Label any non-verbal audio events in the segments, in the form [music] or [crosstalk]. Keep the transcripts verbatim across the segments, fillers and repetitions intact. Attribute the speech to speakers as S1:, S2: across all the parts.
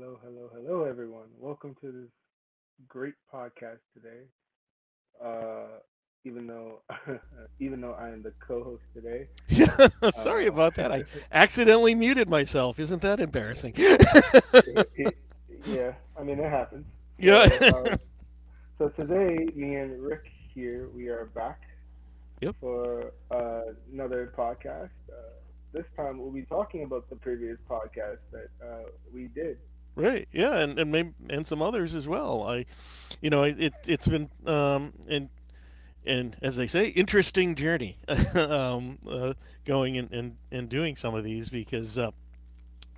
S1: Hello, hello, hello, everyone. Welcome to this great podcast today. Uh, even though, [laughs] even though I am the co-host today,
S2: Yeah, [laughs] sorry
S1: uh,
S2: about that. I
S1: [laughs]
S2: accidentally muted myself. Isn't that embarrassing?
S1: it, it- yeah, I mean it happens.
S2: Yeah.
S1: So, uh, so today, me and Rick here, we are back
S2: [laughs] yep.
S1: for uh, another podcast. Uh, this time, we'll be talking about the previous podcast that uh, we did.
S2: Right. Yeah, and and maybe, and some others as well. I you know it it- has been um and and as they say, interesting journey. [laughs] um, uh, Going and, and and doing some of these because uh,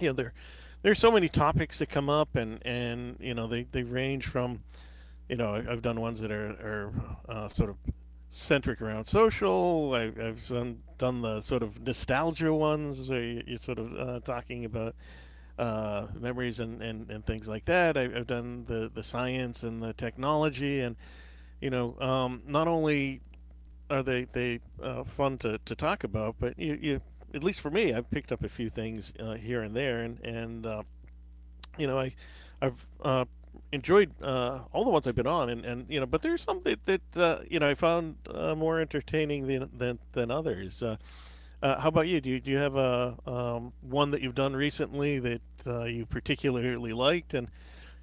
S2: you know there there's so many topics that come up and and you know they they range from you know, I- have done ones that are, are uh, sort of centric around social. I've, I've done, done the sort of nostalgia ones where you are sort of uh, talking about uh, memories and, and, and things like that. I, I've done the, the science and the technology. And, you know, um, not only are they, they uh, fun to, to talk about, but you, you at least for me, I've picked up a few things uh, here and there, and and uh, you know, I, I've uh, enjoyed uh, all the ones I've been on, and, and you know, but there's some that, that uh, you know I found uh, more entertaining than than, than others. Uh, uh, how about you? Do you do you have a um, one that you've done recently that uh, you particularly liked, and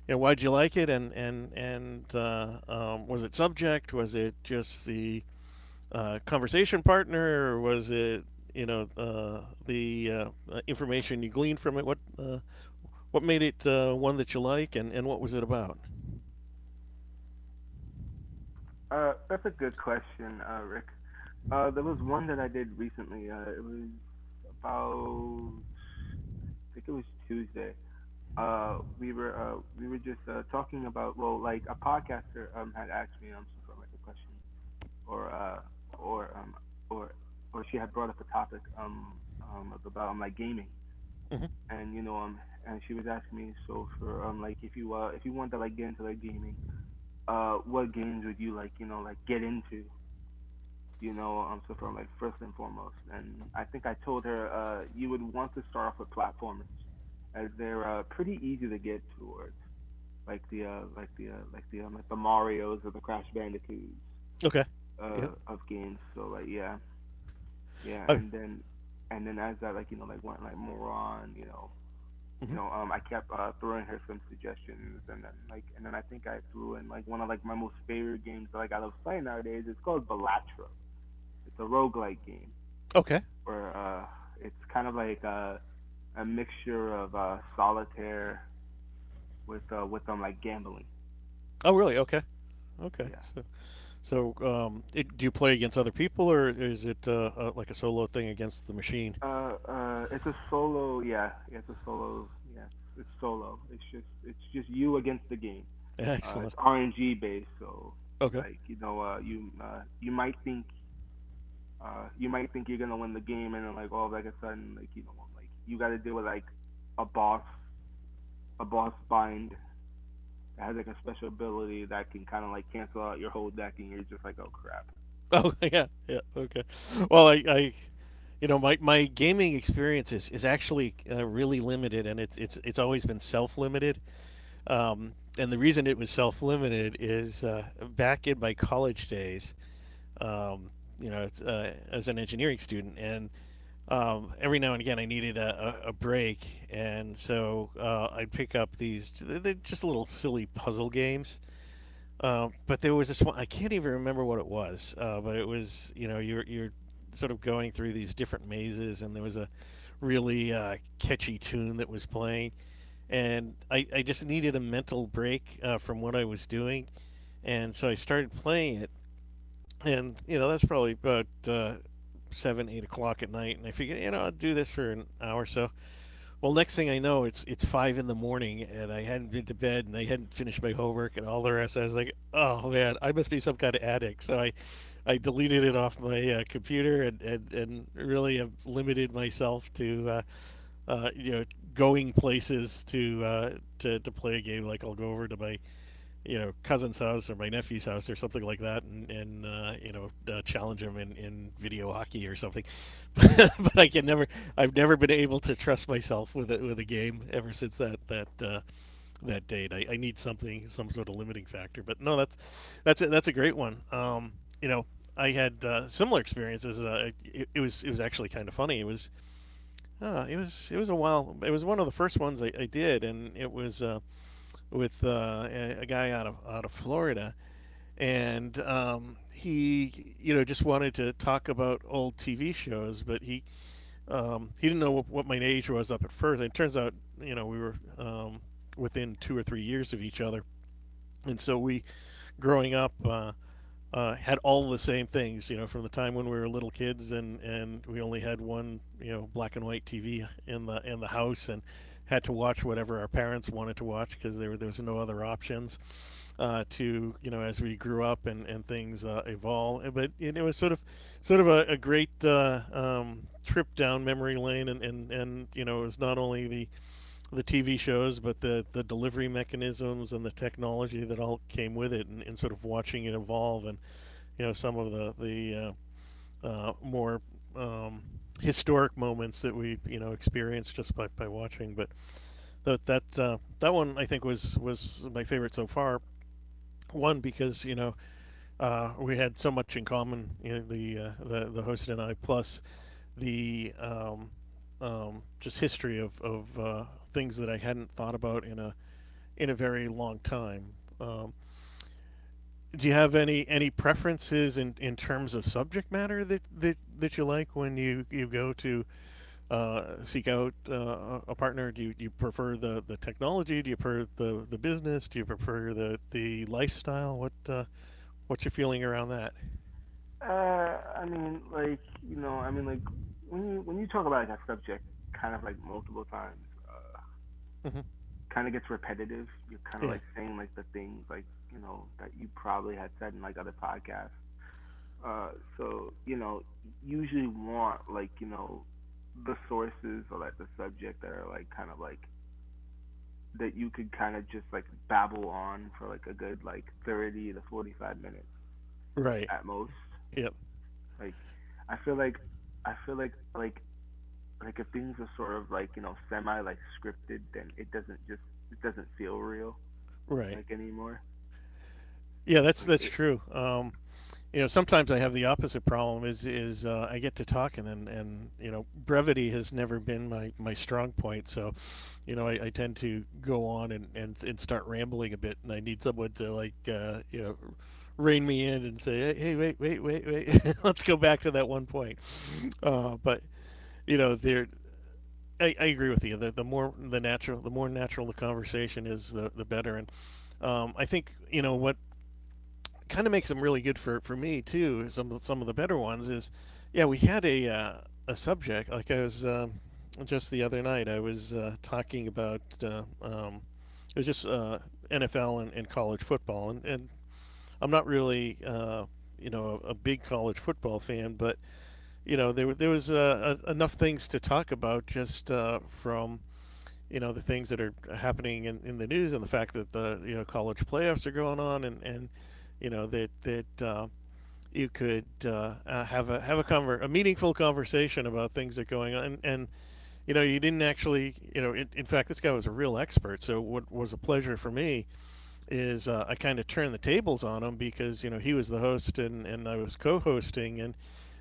S2: you know, why'd you like it, and and and uh, um, was it subject? Was it just the uh, conversation partner, or was it you know uh, the uh, uh, information you gleaned from it? What uh, what made it uh, one that you like, and, and what was it about?
S1: Uh, that's a good question, uh, Rick. Uh, there was one that I did recently. Uh, it was about, I think it was Tuesday. Uh, we were uh, we were just uh, talking about well, like a podcaster um had asked me um some sort of like a question or uh or um or or she had brought up a topic um um of about um, like gaming
S2: Hmm.
S1: and you know um and she was asking me so for um like if you uh if you want to like get into like gaming, uh what games would you like you know like get into you know, um, so far, like first and foremost. And I think I told her uh, you would want to start off with platformers, as they're uh, pretty easy to get towards, like the uh, like the uh, like the um, like the Mario's or the Crash Bandicoots,
S2: Okay. Yeah.
S1: uh, of games. So like yeah, yeah,
S2: Oh.
S1: and then and then as I like you know like went like more on you know
S2: Hmm.
S1: you know um I kept uh, throwing her some suggestions, and then like and then I think I threw in like one of like my most favorite games that like I love playing nowadays. It's called Balatro. It's a roguelike game
S2: Okay.
S1: where uh, it's kind of like a a mixture of uh, solitaire with uh, with um like gambling.
S2: Oh, really? Okay. Okay.
S1: Yeah.
S2: So, so um, it, do you play against other people, or is it uh, uh, like a solo thing against the machine?
S1: Uh, uh, it's a solo. Yeah, yeah, it's a solo. Yeah, it's, it's solo. It's just it's just you against the game.
S2: [laughs]
S1: Uh,
S2: Excellent.
S1: it's R N G based, so
S2: Okay.
S1: like you know, uh, you uh, you might think, uh, you might think you're gonna win the game, and then like all of like a sudden, like you know, like you got to deal with like a boss, a boss bind, that has like a special ability that can kind of like cancel out your whole deck, and you're just like, oh crap.
S2: Oh, [laughs] yeah, yeah, okay. Well, I, I, you know, my, my gaming experience is, is actually uh, really limited, and it's it's it's always been self limited. Um, and the reason it was self limited is uh, back in my college days, um, you know, it's, uh, as an engineering student, and um, every now and again I needed a, a, a break, and so uh, I'd pick up these they're just little silly puzzle games, uh, but there was this one I can't even remember what it was, uh, but it was you know you're you're sort of going through these different mazes, and there was a really uh, catchy tune that was playing, and I, I just needed a mental break uh, from what I was doing, and so I started playing it, and you know that's probably about uh, seven eight o'clock at night, and I figured you know I'll do this for an hour or so. Well, next thing I know, it's it's five in the morning, and I hadn't been to bed, and I hadn't finished my homework, and all the rest. I was like, "Oh man, I must be some kind of addict." So I, I deleted it off my uh, computer, and, and and really have limited myself to, uh, uh, you know, going places to uh, to to play a game. Like I'll go over to my you know cousin's house or my nephew's house or something like that and, and uh, you know uh, challenge him in, in video hockey or something. [laughs] But I can never I've never been able to trust myself with it with a game ever since that that uh, that date. I, I need something some sort of limiting factor, but no that's that's a, that's a great one. Um, you know, I had uh, similar experiences. Uh, it, it was it was actually kind of funny. It was uh, it was it was a while. It was one of the first ones I, I did, and it was uh, with uh, a, a guy out of out of Florida, and um, he you know just wanted to talk about old T V shows, but he um, he didn't know what, what my age was up at first. And it turns out you know we were um, within two or three years of each other, and so we growing up. Uh, uh, had all the same things, you know, from the time when we were little kids and, and we only had one, you know, black and white T V in the in the house and had to watch whatever our parents wanted to watch because there, were- there was no other options. Uh, to you know, as we grew up and and things uh, evolve, but you know, it was sort of sort of a, a great uh, um, trip down memory lane, and, and and you know, it was not only the the T V shows, but the the delivery mechanisms and the technology that all came with it, and, and sort of watching it evolve and you know some of the the uh, uh, more um, historic moments that we you know experienced just by, by watching. But that that uh, that one I think was was my favorite so far. One because you know uh, we had so much in common, you know, the uh, the the host and I, plus the um, um, just history of of uh, things that I hadn't thought about in a in a very long time. Um, do you have any any preferences in, in terms of subject matter that, that, that you like when you, you go to uh, seek out uh, a partner? Do you, you prefer the, the technology? Do you prefer the, the business? Do you prefer the, the lifestyle? What uh, what's your feeling around that?
S1: Uh, I mean, like you know, I mean, like when you when you talk about like that subject kind of like multiple times, uh,
S2: Hmm.
S1: kind of gets repetitive. You're kind of
S2: Yeah.
S1: like saying like the things like you know that you probably had said in like other podcasts. Uh, so you know, usually want like you know the sources or like the subject that are like kind of like that you could kind of just like babble on for like a good like thirty to forty-five minutes
S2: Right.
S1: at most.
S2: Yep.
S1: Like I feel like I feel like like like if things are sort of like, you know, semi like scripted, then it doesn't just it doesn't feel real
S2: Right.
S1: like anymore.
S2: Yeah. That's
S1: Like
S2: that's
S1: it
S2: true. Um, you know sometimes I have the opposite problem is is uh, I get to talking and and you know brevity has never been my my strong point so you know i, I tend to go on and, and and start rambling a bit and I need someone to like uh, you know rein me in and say hey, hey wait wait wait wait. [laughs] Let's go back to that one point. Uh, but you know there I, I agree with you, the, the more the natural the more natural the conversation is the the better, and um, I think you know what kind of makes them really good for, for me too. Some of the, some of the better ones is, yeah, we had a uh, a subject like I was um, just the other night. I was uh, talking about uh, um, it was just uh, N F L and, and college football, and, and I'm not really uh, you know a, a big college football fan, but you know there there was uh, a, enough things to talk about just uh, from you know the things that are happening in, in the news and the fact that the you know college playoffs are going on and and you know that that uh, you could uh, uh, have a have a conver- a meaningful conversation about things that are going on and, and you know you didn't actually you know in in fact this guy was a real expert so what was a pleasure for me is uh, I kind of turned the tables on him because you know he was the host and, and I was co-hosting and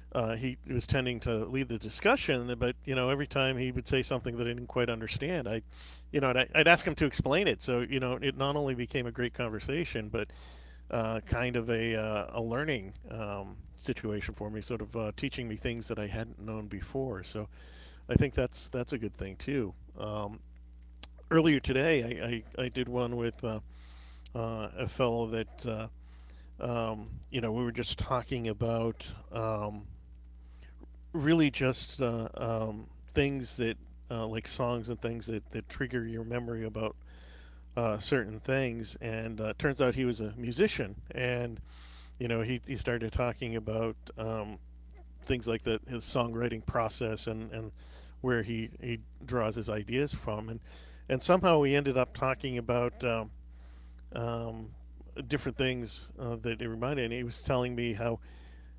S2: uh, he was tending to lead the discussion, but you know, every time he would say something that I didn't quite understand, I, you know, and I, I'd ask him to explain it. So you know, it not only became a great conversation, but uh, kind of a uh, a learning um, situation for me, sort of uh, teaching me things that I hadn't known before. So I think that's that's a good thing too. Um, earlier today, I, I, I did one with uh, uh, a fellow that uh, um, you know we were just talking about. Um, really just uh, um, things that uh, like songs and things that, that trigger your memory about uh, certain things. And uh, turns out he was a musician, and you know he, he started talking about um, things like the his songwriting process and, and where he, he draws his ideas from, and and somehow we ended up talking about um, um, different things uh, that it reminded me. He was telling me how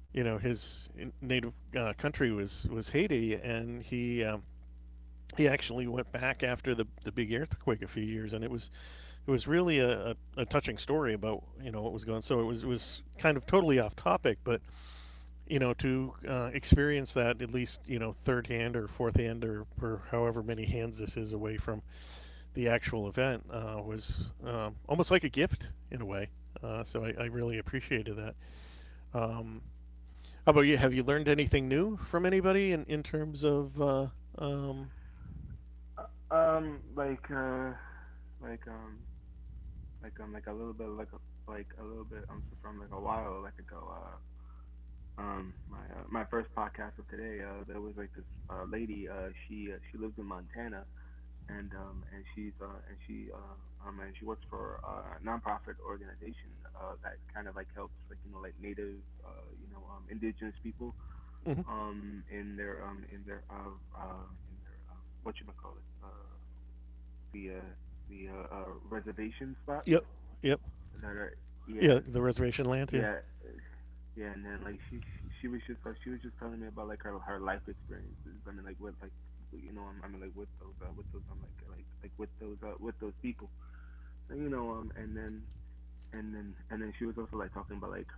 S2: you know his native uh, country was was Haiti, and he um, he actually went back after the the big earthquake a few years, and it was it was really a, a, a touching story about you know what was going on. So it was it was kind of totally off topic, but you know to uh, experience that at least you know third hand or fourth hand or, or however many hands this is away from the actual event uh, was um, almost like a gift in a way. Uh, so I, I, really appreciated that. Um, how about you? Have you learned anything new from anybody in, in terms of? Uh, um,
S1: uh, um like uh like um like um like a little bit like a, like a little bit um so from like a while like ago uh um my uh, my first podcast of today, uh there was like this uh lady, uh she uh, she lives in Montana, and um and she's uh and she uh um and she works for uh, a nonprofit organization uh that kind of like helps like you know like native uh you know um indigenous people
S2: mhm.
S1: um in their um in their uh uh in their um what you call it, uh the uh the uh, uh reservation spots
S2: Yep, yep,
S1: that are,
S2: yeah.
S1: yeah,
S2: The reservation land, yeah.
S1: yeah, yeah. And then like she she she was just like she was just telling me about like her her life experiences, I mean like with like you know, I mean like with those uh with those I'm like like like with those uh with those people, you know um and then and then and then she was also like talking about like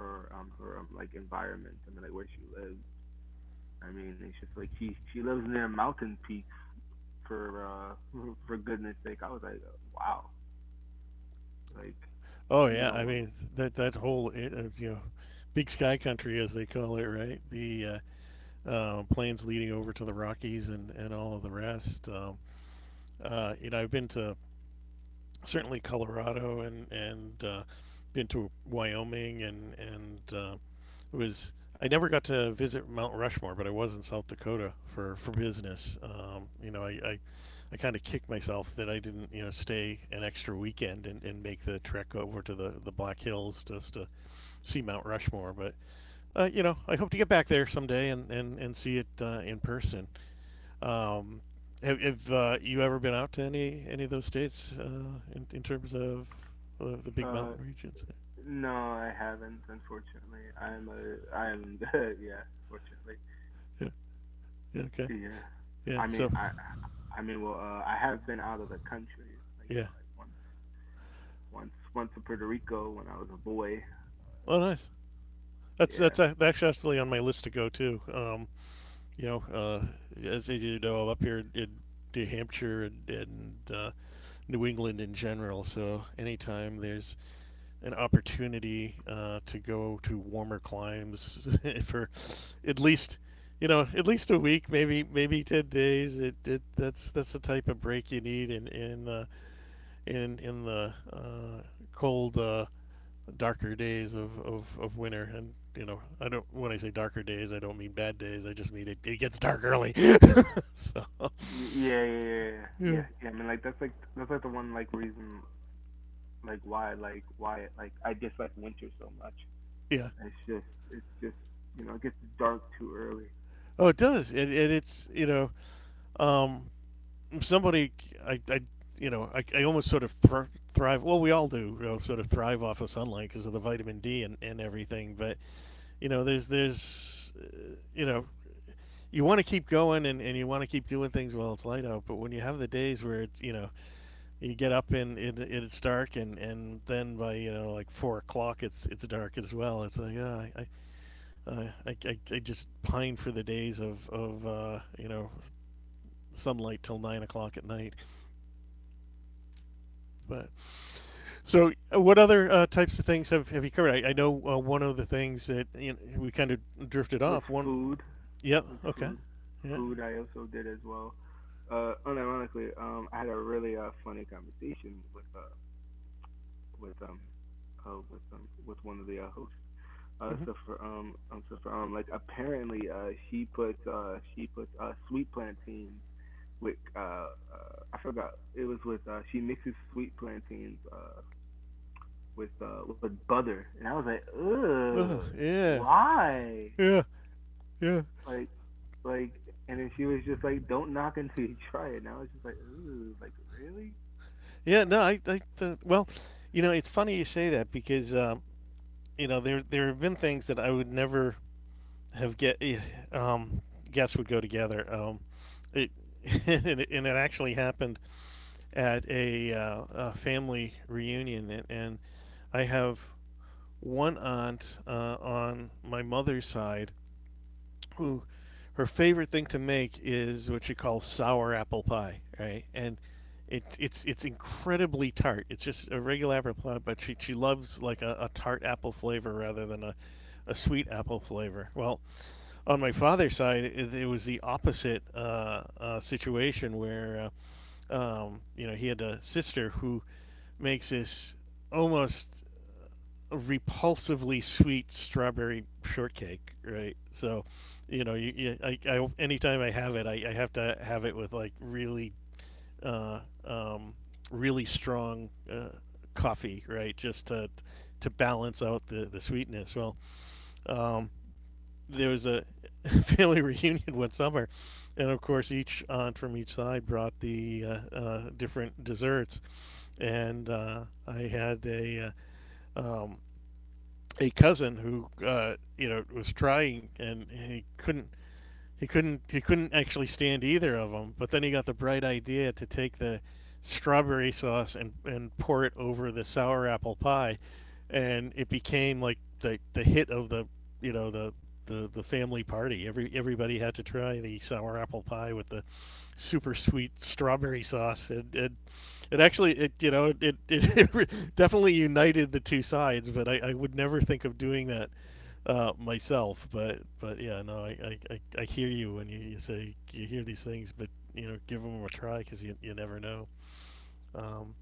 S1: her um her um like environment, I mean like where she lives, I mean it's just like she she lives near mountain peaks for uh [laughs] for goodness sake I was like wow, like
S2: Oh
S1: you
S2: yeah,
S1: know
S2: I
S1: um
S2: mean that that whole eh, uh, you know, big sky country, as they call it, right? The uh, uh, plains leading over to the Rockies and and all of the rest. Um, uh, you know, I've been to certainly Colorado and and uh, been to Wyoming, and and uh, it was I never got to visit Mount Rushmore, but I was in South Dakota for for business. Um, you know, I I, I kind of kicked myself that I didn't you know stay an extra weekend and, and make the trek over to the the Black Hills just to see Mount Rushmore. But uh, you know, I hope to get back there someday and and and see it uh, in person. Um, have have uh, you ever been out to any any of those states uh, in in terms of uh, the big
S1: uh
S2: mountain regions?
S1: no I haven't, unfortunately. I'm a I'm [laughs] yeah, fortunately.
S2: Yeah. Yeah. Okay.
S1: Yeah,
S2: Yeah.
S1: I mean,
S2: So,
S1: I I mean well uh I have been out of the country like you
S2: yeah.
S1: know like once, once once to Puerto Rico when I was a boy.
S2: Well, nice. That's
S1: Yeah.
S2: that's ac- that's actually on my list to go too. Um, you know, uh, as as you know, I'm up here in in New Hampshire, and, and uh, New England in general. So anytime there's an opportunity uh, to go to warmer climes [laughs] for at least you know at least a week, maybe maybe ten days, it, it that's that's the type of break you need in in uh, in, in the uh, cold, uh, darker days of, of, of winter. And you know I don't — when I say darker days, I don't mean bad days, I just mean it, it gets dark early. [laughs] So
S1: Y- Yeah, yeah, yeah, yeah, yeah.
S2: yeah,
S1: yeah. Yeah, I mean, like that's like that's like the one like reason like why like why like I dislike winter so much.
S2: yeah.
S1: It's just it's just you know it gets dark too early.
S2: Oh, it does. And, and it's, you know um somebody — I, I you know I, I almost sort of thr- thrive, well, we all do, you know, sort of thrive off of sunlight because of the vitamin D and, and everything. But you know there's there's uh, you know you want to keep going, and, and you want to keep doing things while it's light out, but when you have the days where it's you know you get up and it, it's dark, and, and then by you know like four o'clock it's it's dark as well, it's like uh, I, I, uh, I, I I just pine for the days of, of uh, you know sunlight till nine o'clock at night. But so, uh, what other uh, types of things have, have you covered? I, I know uh, one of the things that, you know, we kind of drifted off.
S1: Was
S2: One —
S1: food,
S2: yep,
S1: was
S2: okay,
S1: food,
S2: yeah.
S1: food I also did as well. Uh, unironically, um, I had a really uh funny conversation with uh with um uh with um with one of the uh, hosts. Uh,
S2: Hmm.
S1: so for um um so for um like apparently uh she puts uh she puts uh sweet plantains with uh, uh I forgot, it was with uh she mixes sweet plantains uh with uh with butter, and I was like
S2: Ugh,
S1: ugh,
S2: yeah,
S1: why,
S2: yeah, yeah,
S1: like like and then she was just like don't knock until you try it, and I was just like ugh, like really.
S2: yeah. No, I, I th- well, you know, it's funny you say that, because um, you know there there have been things that I would never have get eh, um, guess would go together. Um, it [laughs] and, it and it actually happened at a, uh, a family reunion, and, and I have one aunt uh, on my mother's side, who — her favorite thing to make is what she calls sour apple pie, right? And it, it's it's incredibly tart. It's just a regular apple pie, but she, she loves like a, a tart apple flavor rather than a, a sweet apple flavor. Well, on my father's side, it, it was the opposite uh, uh, situation, where uh, um, you know he had a sister who makes this almost repulsively sweet strawberry shortcake, right? So, you know, you, you I, I anytime I have it, I, I have to have it with like really, uh, um, really strong uh, coffee, right? Just to to balance out the the sweetness. Well, um, there was a [laughs] family reunion one summer, and of course, each aunt from each side brought the uh, uh, different desserts, and uh, I had a uh, um, a cousin who uh, you know was trying, and he couldn't he couldn't he couldn't actually stand either of them. But then he got the bright idea to take the strawberry sauce and and pour it over the sour apple pie, and it became like the the hit of the you know the the, the family party. Every everybody had to try the sour apple pie with the super sweet strawberry sauce, and it, it actually it you know it, it, [laughs] it definitely united the two sides. But I, I would never think of doing that uh, myself. But but yeah, no, I, I, I, I hear you when you, you say you hear these things, but you know, give them a try, because you, you never know. Um,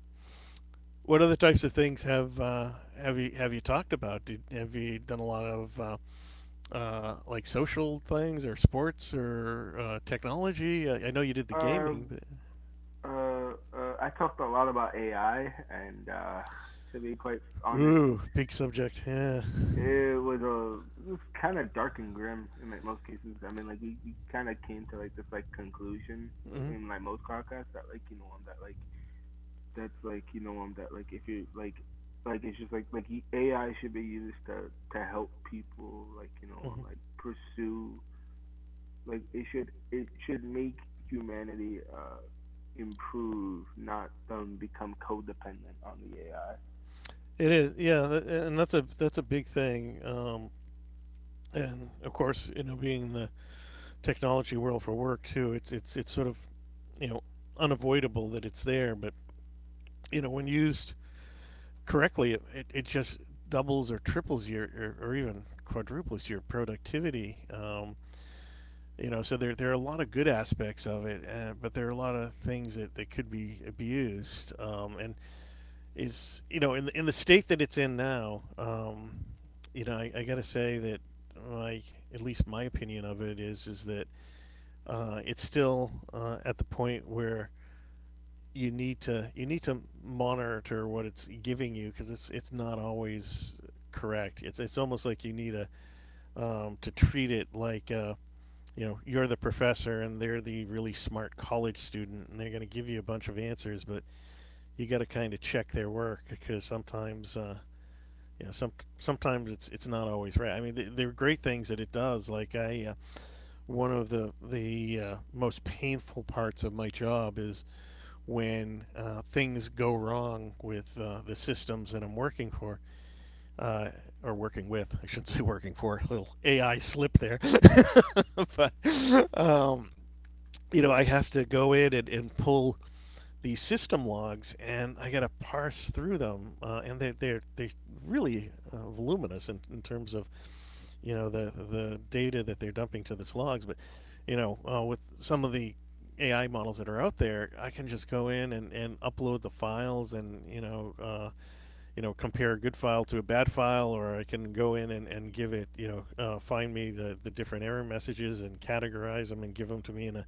S2: what other types of things have, uh, have you have you talked about? Did, have you done a lot of uh, uh, like social things or sports or uh, technology? I, I know you did the
S1: uh
S2: gaming, but...
S1: um, uh, uh I talked a lot about A I and uh to be quite honest,
S2: Ooh, big subject. Yeah.
S1: it was a it was kind of dark and grim in like most cases. I mean, like we, we kind of came to like this like conclusion
S2: Hmm.
S1: uh, in like most podcasts that like you know um that like that's like you know um that like if you're like like it's just like like A I should be used to to help people, like you know
S2: Hmm.
S1: um like pursue, like it should it should make humanity uh improve, not um become codependent on the A I.
S2: It is, yeah, and that's a that's a big thing. Um, and of course, you know, being the technology world for work too. It's it's it's sort of you know unavoidable that it's there, but you know when used correctly, it, it, it just doubles or triples your, or, or even quadruples your productivity. Um, you know, so there there are a lot of good aspects of it, and, but there are a lot of things that, that could be abused. Um, and is you know in in the state that it's in now, um, you know I, I got to say that my at least my opinion of it is is that uh, it's still uh, at the point where you need to you need to monitor what it's giving you, because it's it's not always correct. It's it's almost like you need a um, to treat it like uh, you know you're the professor and they're the really smart college student, and they're going to give you a bunch of answers, but you got to kind of check their work, because sometimes... Uh, you know, some sometimes it's it's not always right. I mean, th- there are great things that it does. Like, I, uh, one of the the uh, most painful parts of my job is when uh, things go wrong with uh, the systems that I'm working for, uh, or working with. I should [laughs] say working for. A little A I slip there, [laughs] but um, you know I have to go in and, and pull these system logs, and I got to parse through them, uh, and they're they're they're really uh, voluminous in, in terms of you know the the data that they're dumping to this logs. But you know uh, with some of the A I models that are out there, i can just go in and, and upload the files, and you know uh, you know compare a good file to a bad file, or i can go in and, and give it, you know uh, find me the, the different error messages, and categorize them and give them to me in a —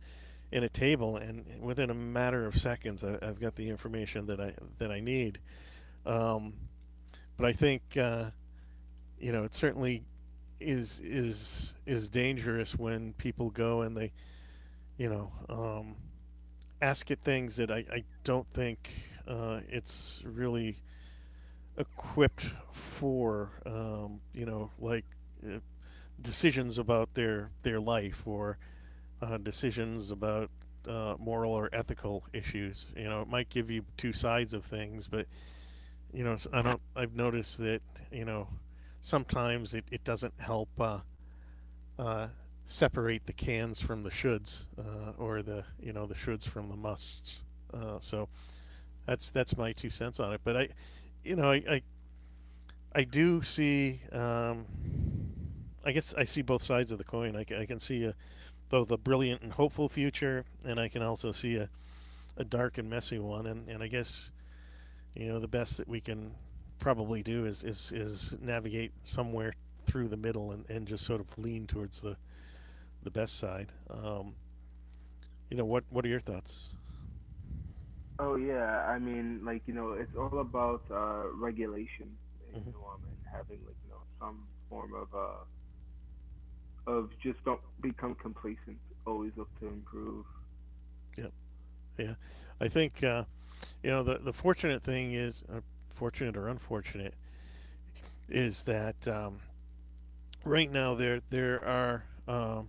S2: in a table, and within a matter of seconds I, i've got the information that i that i need. um, but i think uh, you know, it certainly is is is dangerous when people go and they you know um, ask it things that I, I don't think uh, it's really equipped for. Um, you know like uh, decisions about their their life, or uh, decisions about uh, moral or ethical issues. You know, it might give you two sides of things, but you know, I do not I don't. I've noticed that, you know sometimes it, it doesn't help uh, uh, separate the cans from the shoulds, uh, or the you know the shoulds from the musts. Uh, so that's that's my two cents on it. But I, you know, I I, I do see. Um, I guess I see both sides of the coin. I I can see, a, both a brilliant and hopeful future, and I can also see a, a dark and messy one. And, and I guess, you know the best that we can probably do is — is, is navigate somewhere through the middle, and, and just sort of lean towards the the best side. Um, you know, what what are your thoughts?
S1: Oh yeah, I mean, like, you know, it's all about uh regulation and you
S2: Mm-hmm.
S1: know um and having like, you know, some form of uh of just don't become complacent, always look to improve.
S2: Yep. Yeah. I think, uh, you know the the fortunate thing is, uh, fortunate or unfortunate, is that um, right now there there are, um,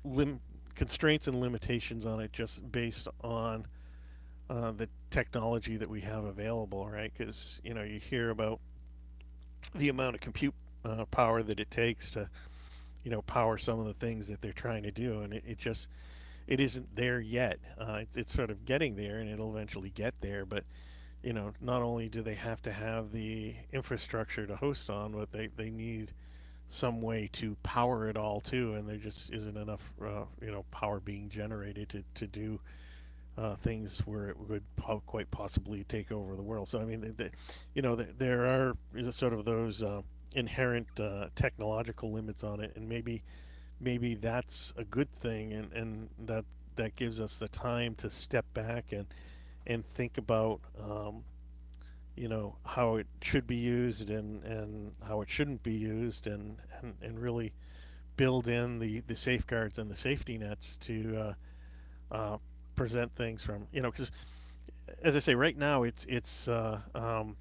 S2: lim- constraints and limitations on it just based on uh, the technology that we have available, right? Because you know you hear about the amount of compute uh, power that it takes to you know power some of the things that they're trying to do, and it, it just it isn't there yet. Uh, it's, it's sort of getting there, and it'll eventually get there. But you know, not only do they have to have the infrastructure to host on, but they, they need some way to power it all too. And there just isn't enough uh, you know power being generated to to do uh, things where it would po- quite possibly take over the world. So I mean, the, the, you know, the, there are sort of those. Uh, inherent uh, technological limits on it, and maybe maybe that's a good thing and, and that that gives us the time to step back and, and think about um, you know how it should be used and, and how it shouldn't be used and, and, and really build in the, the safeguards and the safety nets to uh, uh, present things from you know because as I say right now it's it's uh, um,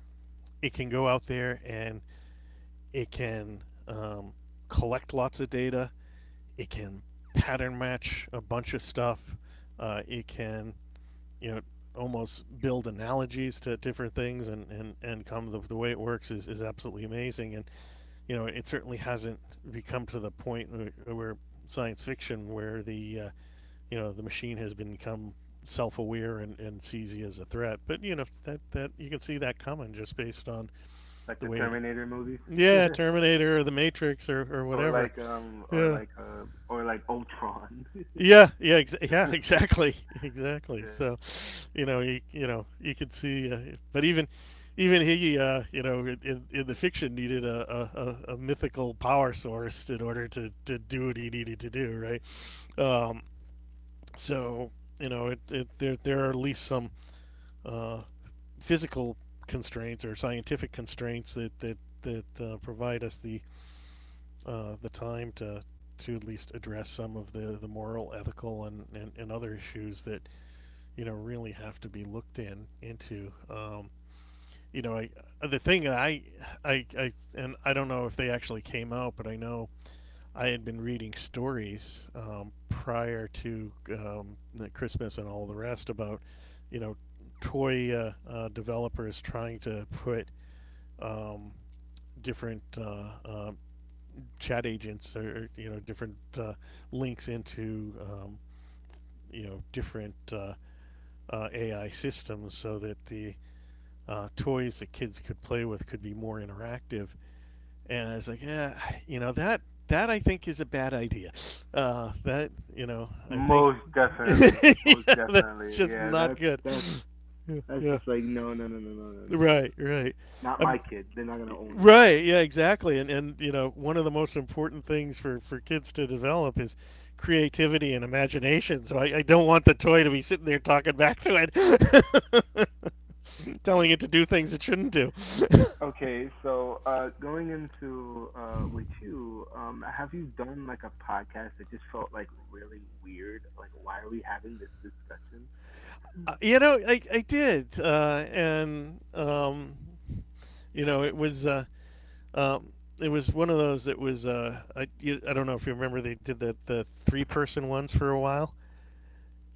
S2: it can go out there and it can um, collect lots of data it can pattern match a bunch of stuff. Uh, it can you know almost build analogies to different things and and and come the, the way it works is, is absolutely amazing. And you know it certainly hasn't become to the point where, where science fiction where the uh, you know the machine has become self-aware and, and sees you as a threat, but you know that that you can see that coming just based on
S1: Like
S2: the
S1: the
S2: way it.
S1: Terminator movies. [laughs]
S2: Yeah, Terminator or the Matrix, or, or
S1: Or
S2: whatever.
S1: like um or
S2: Yeah.
S1: like uh or like Ultron. [laughs]
S2: Yeah, yeah, ex- yeah, exactly, [laughs] exactly.
S1: Yeah.
S2: So, you know, you, you know, you could see, uh, but even, even he, uh, you know, in, in in the fiction needed a, a, a, a mythical power source in order to, to do what he needed to do, right? Um, so, you know, it, it there there are at least some uh, physical constraints or scientific constraints that that that uh, provide us the uh, the time to to at least address some of the, the moral, ethical, and, and, and other issues that you know, really have to be looked in into. Um, you know, I uh, the thing I, I, I, and I don't know if they actually came out, but I know I had been reading stories um, prior to um, the Christmas and all the rest about, you know, toy uh, uh, developers trying to put um, different uh, uh, chat agents or you know different uh, links into um, you know different uh, uh, A I systems so that the uh, toys that kids could play with could be more interactive. And I was like, yeah, you know that that I think is a bad idea. Uh, that you know I think.
S1: Most
S2: [laughs]
S1: definitely. Most
S2: Yeah, that's
S1: definitely.
S2: just
S1: Yeah,
S2: not
S1: that's
S2: good.
S1: that's
S2: Yeah,
S1: that's
S2: yeah.
S1: just like no no no no no no no no, no.
S2: Right, right.
S1: Not
S2: I'm
S1: my kid. They're not gonna own that.
S2: Right. Yeah, exactly. And and you know, one of the most important things for for kids to develop is creativity and imagination. So I, I don't want the toy to be sitting there talking back to it, [laughs] telling it to do things it shouldn't do. [laughs]
S1: Okay, so uh, going into uh, with you, um, have you done like a podcast that just felt like really weird? Like, why are we having this discussion?
S2: Uh, you know, I I did, uh, and um, you know, it was. Uh, um, it was one of those that was uh, I, you- I don't know if you remember they did that the three person ones for a while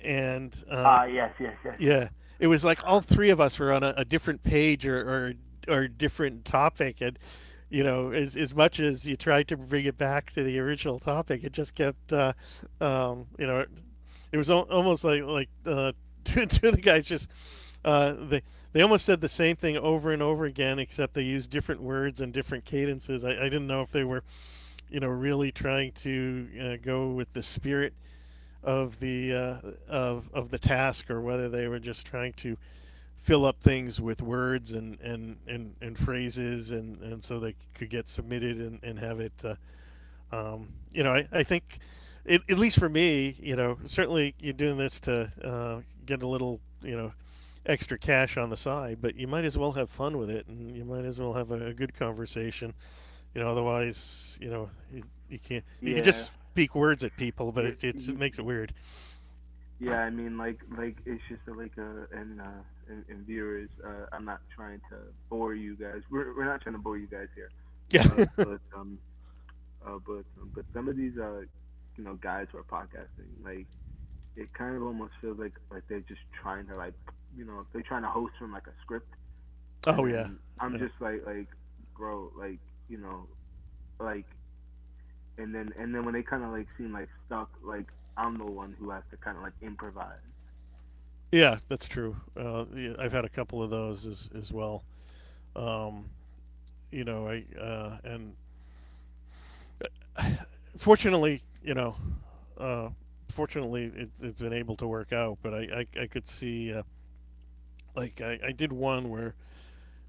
S2: and uh,
S1: Ah, yes, yes, yes, yes.
S2: yeah, it was like all three of us were on a, a different page, or, or or different topic, and you know, as as much as you tried to bring it back to the original topic, it just kept, uh, um, you know, it, it was al- almost like like uh, [laughs] two, two of the guys just. Uh, they they almost said the same thing over and over again, except they used different words and different cadences. I, I didn't know if they were, you know, really trying to uh, go with the spirit of the uh, of of the task, or whether they were just trying to fill up things with words and and and, and phrases and and so they could get submitted, and, and have it uh, um, you know I, I think it, at least for me you know certainly you're doing this to uh, get a little you know extra cash on the side, but you might as well have fun with it, and you might as well have a, a good conversation. You know otherwise you know you, you can't you can
S1: Yeah,
S2: just speak words at people, but
S1: yeah,
S2: it, it
S1: y-
S2: makes it weird.
S1: yeah. I mean, like, like it's just a, like a and uh and, and viewers. Uh, I'm not trying to bore you guys. We're we're not trying to bore you guys here.
S2: Yeah.
S1: Uh,
S2: [laughs]
S1: but um, uh, but um, but some of these, uh, you know, guys who are podcasting, like it kind of almost feels like like they're just trying to like you know they're trying to host from like a script, and
S2: Oh yeah.
S1: then I'm
S2: Yeah.
S1: just like like bro, like you know, like and then and then when they kind of like seem like stuck, like I'm the one who has to kind of like improvise.
S2: Yeah, that's true. Uh, yeah, I've had a couple of those as as well. Um, you know, I uh, and uh, fortunately, you know, uh, fortunately, it, it's been able to work out. But I I, I could see uh, like I, I did one where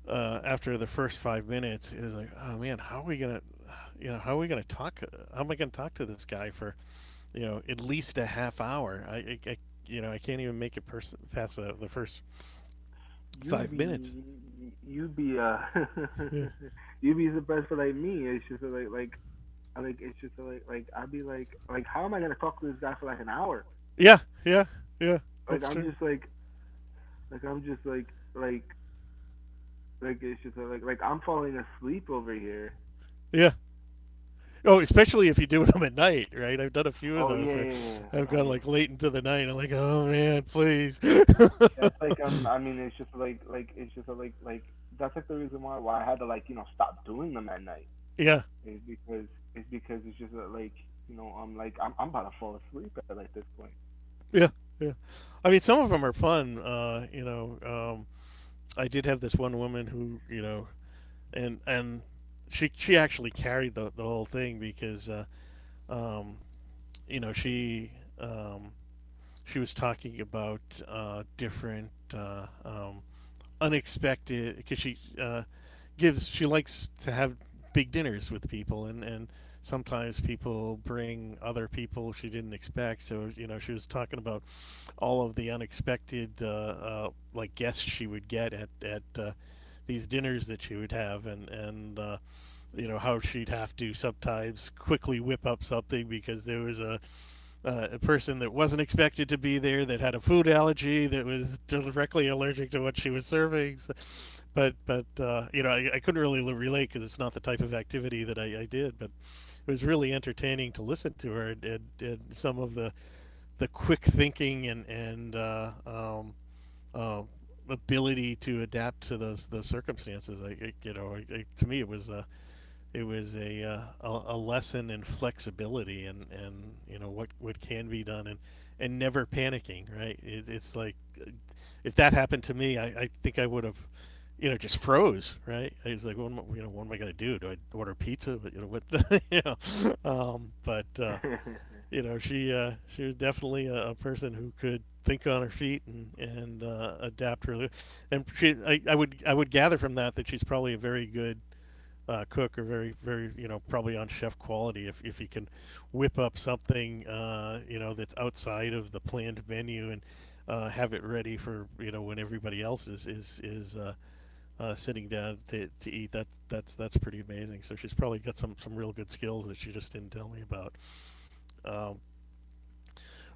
S2: uh, after the first five minutes, it was like, oh man, how are we gonna, you know, how are we gonna talk? How am I gonna talk to this guy for you know at least a half hour? I, I, I you know I can't even make it pers- past the, the first
S1: you
S2: five minutes.
S1: be you be uh
S2: Yeah.
S1: [laughs] you be surprised. For like me it's just like like I, like it's just like like I'd be like like how am I gonna talk to this guy for like an hour?
S2: Yeah. Yeah. Yeah.
S1: Like
S2: That's
S1: i'm
S2: true.
S1: just like like i'm just like like Like it's just like like I'm falling asleep over here.
S2: Yeah. Oh, especially if you do them at night, right? I've done a few of
S1: Oh yeah,
S2: those. Where
S1: yeah, yeah, yeah.
S2: I've
S1: Oh
S2: gone
S1: yeah.
S2: like late into the night. I'm like, oh man, please. [laughs]
S1: That's like um I mean it's just like like it's just like like that's like the reason why why I had to like, you know, stop doing them at night.
S2: Yeah,
S1: Is because it's because it's just that, like, you know, I'm like I'm I'm about to fall asleep at like this
S2: yeah, yeah. I mean, some of them are fun. Uh, you know, um, I did have this one woman who, you know, and and she she actually carried the the whole thing because, uh, um, you know, she um, she was talking about uh, different uh, um, unexpected because she uh, gives she likes to have big dinners with people, and and sometimes people bring other people she didn't expect. So you know she was talking about all of the unexpected uh, uh, like guests she would get at at uh, these dinners that she would have, and and uh, you know how she'd have to sometimes quickly whip up something because there was a uh, a person that wasn't expected to be there, that had a food allergy, that was directly allergic to what she was serving. So, but but uh, you know, I, I couldn't really relate because it's not the type of activity that I, I did. But it was really entertaining to listen to her, and, and, and some of the, the quick thinking and and uh, um, uh, ability to adapt to those those circumstances. I, you know, I, I, to me, it was a it was a, uh, a a lesson in flexibility, and, and you know what, what can be done, and, and never panicking, right? it, it's like uh, if that happened to me I, I think I would have you know just froze, right? I was like, what am I, You know what am I gonna do? Do I order pizza? But you know what, [laughs] you know, um, but uh,
S1: point. [laughs]
S2: you know she uh, she was definitely a, a person who could think on her feet and and uh, adapt really. And she I, I would I would gather from that that she's probably a very good uh, cook, are very, very, you know, probably on chef quality. If, if he can whip up something, uh, you know, that's outside of the planned menu, and uh, have it ready for you know when everybody else is is is uh, uh, sitting down to, to eat. That that's that's pretty amazing. So she's probably got some some real good skills that she just didn't tell me about. Um,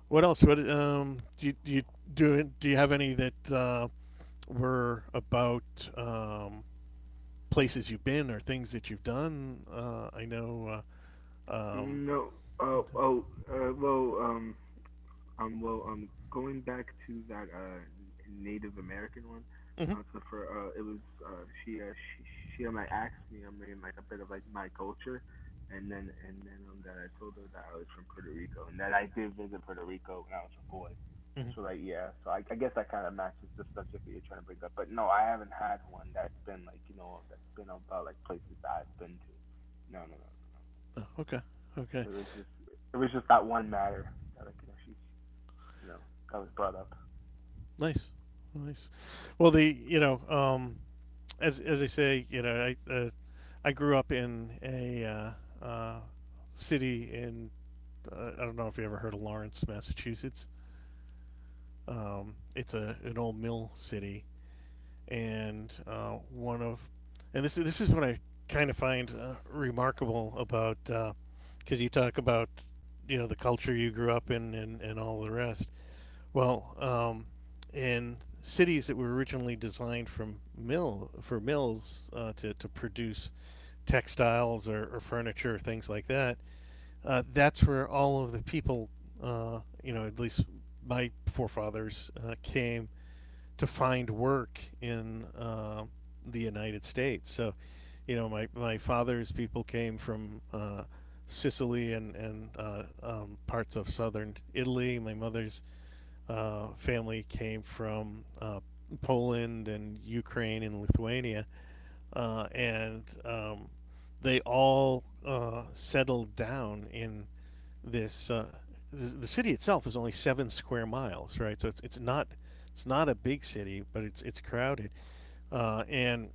S2: what else? What um, Do you do you do, do you have any that uh, were about um, places you've been, or things that you've done? Uh, I know. Uh, Um,
S1: No. Oh, oh, uh, well, um, Um, well, um, going back to that, uh, Native American one,
S2: mhm,
S1: uh, so for uh, it was uh, she uh, she she um, like asked me um, maybe like a bit of like my culture, and then and then um that I told her that I was from Puerto Rico and that I did visit Puerto Rico when I was a boy.
S2: mhm.
S1: So like yeah, so I I guess that kind of matches the subject that you're trying to bring up. But no, I haven't had one that's been like you know that's been about like places that I've been to. No, no, no, no, no.
S2: Oh, okay, okay,
S1: It was just it was just that one matter that like you know she you know I was brought up.
S2: nice, nice. Well, the you know, um, as as I say, you know, I uh, I grew up in a uh, uh, city in uh, I don't know if you ever heard of Lawrence, Massachusetts. Um, it's a an old mill city, and uh, one of and this this is what I kind of find uh, remarkable about because uh, you talk about you know the culture you grew up in, and, and all the rest. Well, um, in cities that were originally designed from mill for mills uh, to to produce textiles, or, or furniture, or things like that, uh, that's where all of the people, uh, you know, at least my forefathers uh, came to find work in uh, the United States. So, you know, my my father's people came from. Uh, Sicily and and uh, um, parts of southern Italy. My mother's uh, family came from uh, Poland and Ukraine and Lithuania, uh, and um, they all uh, settled down in this. Uh, the city itself is only seven square miles, right? So it's, it's not it's not a big city, but it's it's crowded, uh, and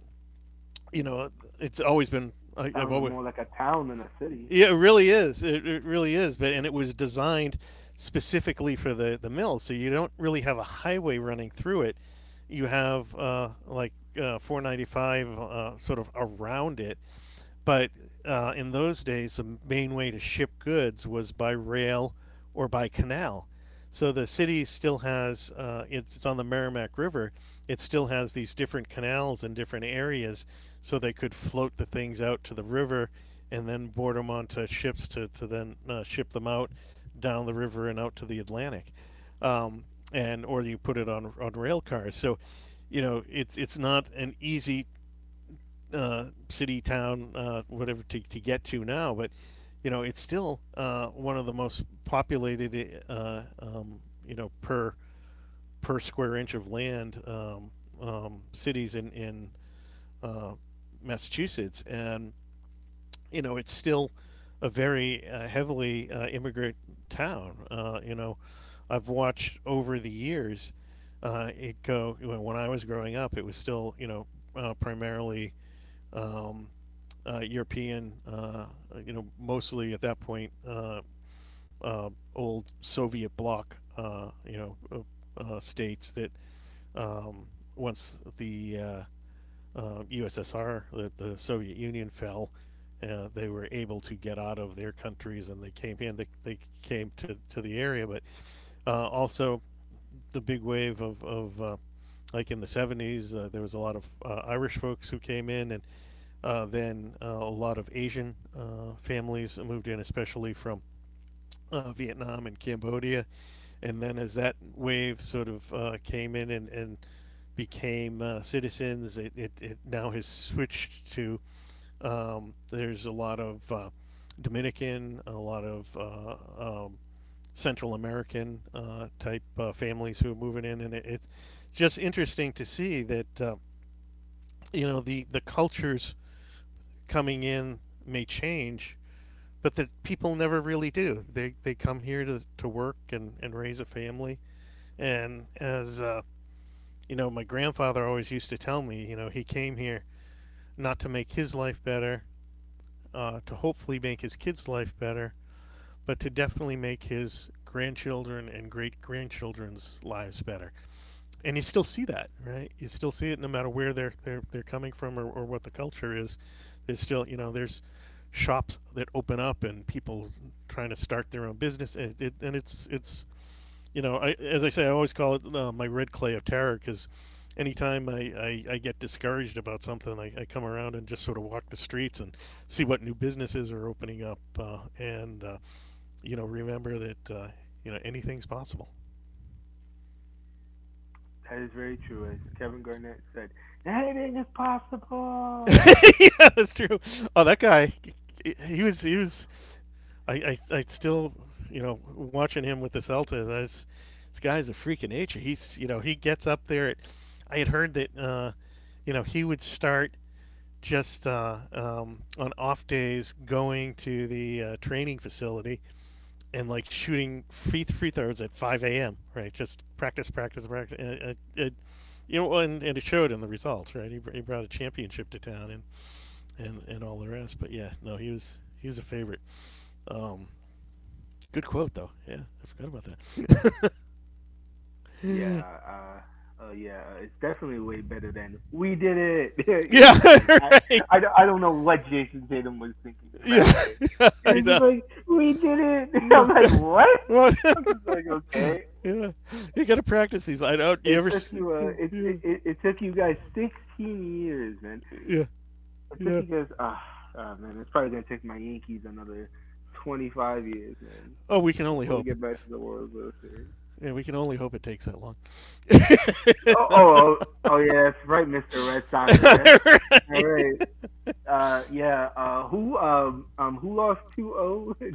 S2: you know it's always been I, I've
S1: Sounds
S2: always
S1: more like a town than a city.
S2: yeah, it really is. It, it really is. But
S1: Yeah.
S2: and it was designed specifically for the the mill, so you don't really have a highway running through it. You have uh, like uh, four ninety-five uh, sort of around it, but uh, in those days, the main way to ship goods was by rail or by canal. So the city still has uh, it's, it's on the Merrimack River. It still has these different canals in different areas, so they could float the things out to the river, and then board them onto ships to to then uh, ship them out down the river and out to the Atlantic, um, and or you put it on on rail cars. So, you know, it's it's not an easy uh, city, town, uh, whatever to, to get to now, but you know it's still uh, one of the most populated, uh, um, you know, per per square inch of land um, um, cities in in uh, Massachusetts, and you know it's still a very uh, heavily uh, immigrant town. Uh, you know, I've watched over the years uh, it go. When I was growing up, it was still you know uh, primarily um, uh, European, uh, you know, mostly at that point, uh, uh, old Soviet bloc, uh, you know, uh, uh, states that um, once the uh, uh, U S S R, the, the Soviet Union fell, uh, they were able to get out of their countries and they came in. They, they came to, to the area, but uh, also the big wave of, of uh, like in the seventies, uh, there was a lot of uh, Irish folks who came in and uh, then uh, a lot of Asian uh, families moved in, especially from uh, Vietnam and Cambodia. And then as that wave sort of uh, came in and, and became uh, citizens, it, it, it now has switched to um, there's a lot of uh, Dominican, a lot of uh, um, Central American uh, type uh, families who are moving in. And it, it's just interesting to see that, uh, you know, the, the cultures coming in may change but the people never really do. They they come here to, to work and, and raise a family. And as uh, you know, my grandfather always used to tell me, you know, he came here not to make his life better, uh, to hopefully make his kids' life better, but to definitely make his grandchildren and great grandchildren's lives better and you still see that, right? You still see it no matter where they're they're they're coming from or, or what the culture is. There's still you
S1: Uh,
S2: know there's shops that open up and people trying to start their own business. It, it, and it's it's you know I as I say I always call it uh, my red clay of terror because anytime I, I, I get discouraged about something, I, I come around and just sort of walk the streets and see what new businesses are opening up, uh, and uh, you know remember that uh, you know anything's possible.
S1: That is very true. As Kevin Garnett said, anything is
S2: [laughs]
S1: possible.
S2: Yeah, that's true. Oh, that guy, he was he was. I, I I still, you know, watching him with the Celtics. I was, this guy's a freak of nature. He's you know he gets up there. At, I had heard that uh, you know he would start just uh, um, on off days going to the uh, training facility and like shooting free free throws at five a m. Right, just practice, practice, practice. Uh, uh, it, you know, and, and it showed in the results. Right, he, he brought a championship to town, and and and all the rest. But yeah, no, he was he was a favorite. Um, good quote though. Yeah, I forgot about that.
S1: Yeah, uh, uh, yeah, uh, it's definitely way better than we did it.
S2: [laughs]
S1: [laughs]
S2: Yeah,
S1: yeah, like
S2: [laughs]
S1: I,
S2: right.
S1: I, don't- I don't know what Jason Tatum was thinking that
S2: Yeah,
S1: day.
S2: yeah,
S1: He
S2: I
S1: was just
S2: know.
S1: like, we did it. [laughs]
S2: Yeah.
S1: I'm like,
S2: Yeah.
S1: what?
S2: What?
S1: I'm just like, okay.
S2: [laughs] Yeah, you gotta practice these. I don't. You
S1: It
S2: ever?
S1: took
S2: s-
S1: you, uh, it,
S2: Yeah,
S1: it, it took you guys sixteen years, man.
S2: yeah,
S1: It took
S2: yeah.
S1: you guys. Ah, ah, man, it's probably gonna take my Yankees another twenty-five years, man,
S2: Oh, we can only
S1: before we
S2: hope.
S1: get back to the World World Series.
S2: Yeah, we can only hope it takes that long.
S1: Oh, oh, oh, oh, yeah, that's right, mister
S2: [laughs]
S1: Red
S2: [laughs]
S1: Sox fan.
S2: Right.
S1: All
S2: Right.
S1: right. Uh, yeah. Uh, who um um who lost two zero?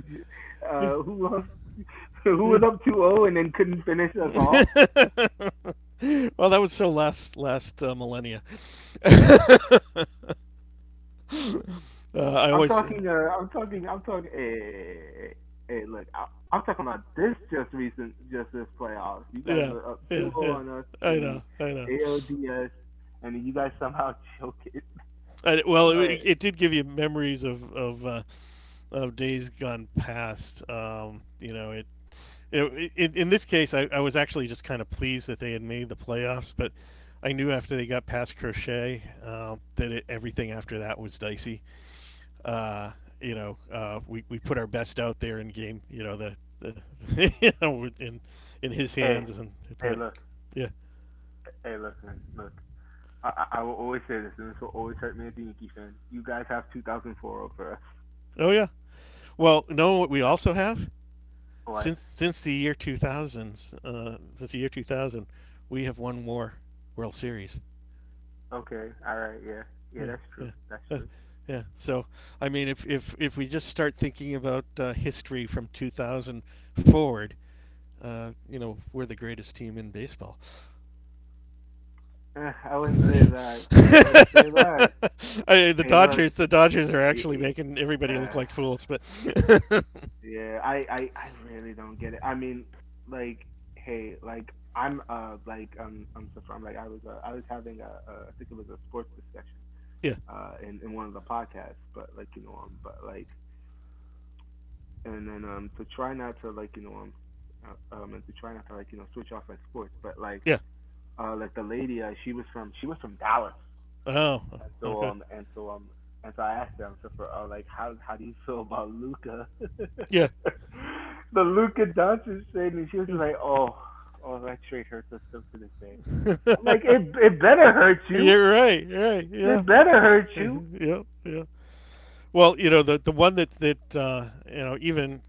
S1: [laughs] uh, Who lost? [laughs] Who
S2: Yeah.
S1: was
S2: [laughs]
S1: up two zero and then couldn't finish us off?
S2: Well, that was so last last uh, millennia. [laughs] uh, I
S1: I'm
S2: always
S1: talking. Uh, I'm talking. I'm talking. Hey, hey, hey, hey, look. I, I'm talking about this just recent, just this playoffs. You guys are up
S2: yeah
S1: two
S2: yeah
S1: zero
S2: yeah.
S1: on us
S2: I
S1: in
S2: know,
S1: the
S2: I know.
S1: A L D S, and then you guys somehow [laughs] choke it.
S2: I,
S1: I was
S2: well,
S1: like,
S2: it, it did give you memories of of, uh, of days gone past. Um, you know, it You know, in, this case, I, I was actually just kind of pleased that they had made the playoffs, but I knew after they got past Crochet um, that it, everything after that was dicey. Uh, you know, uh, we, we put our best out there in game. You know, the, the [laughs] you know, in in his
S1: hey,
S2: hands, and
S1: hey,
S2: but
S1: look,
S2: yeah,
S1: hey, look, man, look. I, I I will always say this, and this will always hurt me as a Yankee fan. You guys have two thousand four over us.
S2: oh yeah. Well, know what we also have
S1: What?
S2: since since the year two thousands, uh, since the year two thousand, we have won more World Series.
S1: Okay, all right, yeah, yeah,
S2: Yeah.
S1: that's true,
S2: Yeah.
S1: that's
S2: uh,
S1: true. [laughs]
S2: yeah. So, I mean, if if if we just start thinking about uh, history from two thousand forward, uh, you know, we're the greatest team in baseball.
S1: Eh, I
S2: [laughs]
S1: wouldn't say
S2: I,
S1: that. I wouldn't say that.
S2: the
S1: Hey, look,
S2: Dodgers, the Dodgers are
S1: y-
S2: actually making
S1: y-
S2: everybody look
S1: uh,
S2: like fools. But
S1: yeah, I, I, I really don't get it. I mean, like, hey, like I'm uh like um I'm so from like I was uh, I was having a, a I think it was a sports discussion
S2: [laughs] yeah,
S1: uh in, in one of the podcasts, but like you know um but like, and then um to try not to like you know um uh, um and to try not to like you know switch off like sports, but like
S2: yeah.
S1: uh like the lady uh, she was from she was from Dallas,
S2: Oh,
S1: and so
S2: okay.
S1: um and so um and so I asked him, so for uh, like how how do you feel about Luca? [laughs]
S2: Yeah. [laughs]
S1: the Luca Doncic thing, and she was just like, oh, oh, that trade hurts us still to this day. I'm like, it it better hurt
S2: [laughs]
S1: you.
S2: You're right. You're right. Yeah.
S1: It better hurt you.
S2: [laughs] Yep. Yeah. Well, you know the the one that that uh, you know even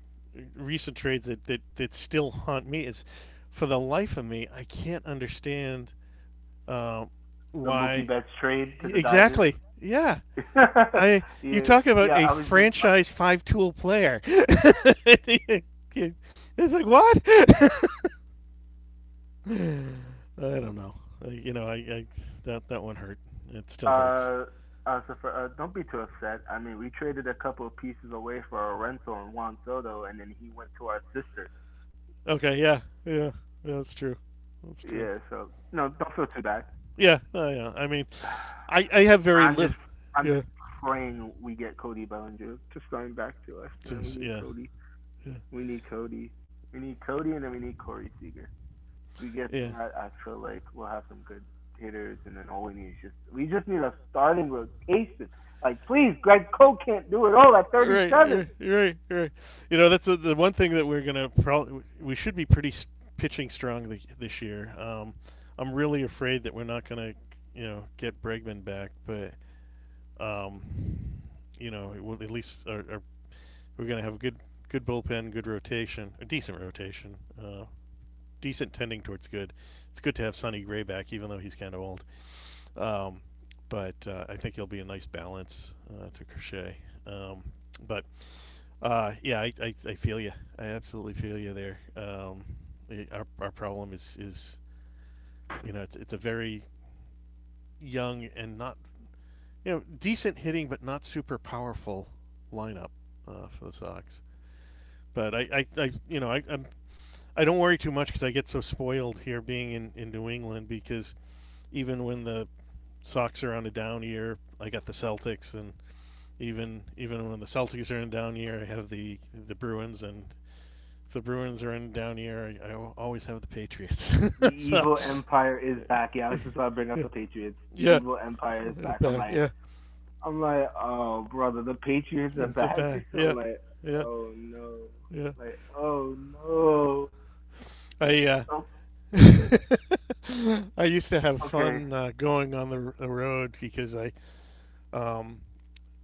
S2: recent trades that, that that still haunt me is, for the life of me, I can't understand uh,
S1: The Mookie
S2: why.
S1: Betts trade to the Dodgers.
S2: Exactly. Yeah. I
S1: [laughs]
S2: You
S1: yeah,
S2: talk about
S1: yeah.
S2: a
S1: I was just uh.
S2: franchise five tool player. [laughs] It's like what? [laughs] I don't know. I- You know, I, I that that one hurt. It still hurts.
S1: uh uh, so for, uh, don't be too upset. I mean, we traded a couple of pieces away for a rental and Juan Soto, and then he went to our sister.
S2: Okay. Yeah. Yeah. Yeah, that's
S1: Yeah,
S2: true.
S1: so no,
S2: That's
S1: don't feel
S2: true.
S1: too bad.
S2: Yeah, uh, yeah. I mean, I I
S1: I'm
S2: have
S1: just
S2: very little.
S1: I'm just
S2: Yeah,
S1: praying we get Cody Bellinger just going back to us, man. We
S2: just
S1: need
S2: yeah,
S1: Cody.
S2: yeah,
S1: We need Cody. We need Cody, and then we need Corey Seager. If we get
S2: yeah.
S1: that, I feel like we'll have some good hitters, and then all we need is just we just need a starting rotation. Like please, Greg Cole can't do it all at thirty
S2: Right,
S1: seven.
S2: right, right, right. You know, that's the the one thing that we're gonna probably we should be pretty s- pitching strong th- this year. Um, I'm really afraid that we're not gonna, you know, get Bregman back, but um, you know, it will, at least our, our, we're gonna have a good good bullpen, good rotation, a decent rotation. Uh, decent tending towards good. It's good to have Sonny Gray back, even though he's kind of old. Um, but uh, I think he'll be a nice balance uh, to Crochet. Um, but uh, yeah, I, I, I feel you. I absolutely feel you there. Um, it- our, our problem is is you know it's, it's a very young and not you know decent hitting but not super powerful lineup uh, for the Sox. But I, I, I you know I I'm, I don't worry too much because I get so spoiled here being in, in New England because even when the Sox are on a down year, I got the Celtics, and even even when the Celtics are in a down year, I have the the Bruins, and if the Bruins are in a down year, I, I always have the Patriots.
S1: The
S2: [laughs] So
S1: evil empire is back. Yeah, I was just about to bring up the Patriots.
S2: [laughs]
S1: The
S2: yeah,
S1: evil empire is back. I'm
S2: back
S1: like,
S2: yeah,
S1: I'm like, oh brother, the Patriots are
S2: it's a
S1: back.
S2: back
S1: [laughs] I'm
S2: yeah,
S1: like,
S2: yeah,
S1: oh no,
S2: yeah.
S1: like oh no.
S2: I Uh,
S1: Oh,
S2: [laughs] I used to have
S1: okay.
S2: fun uh, going on the, the road because I um,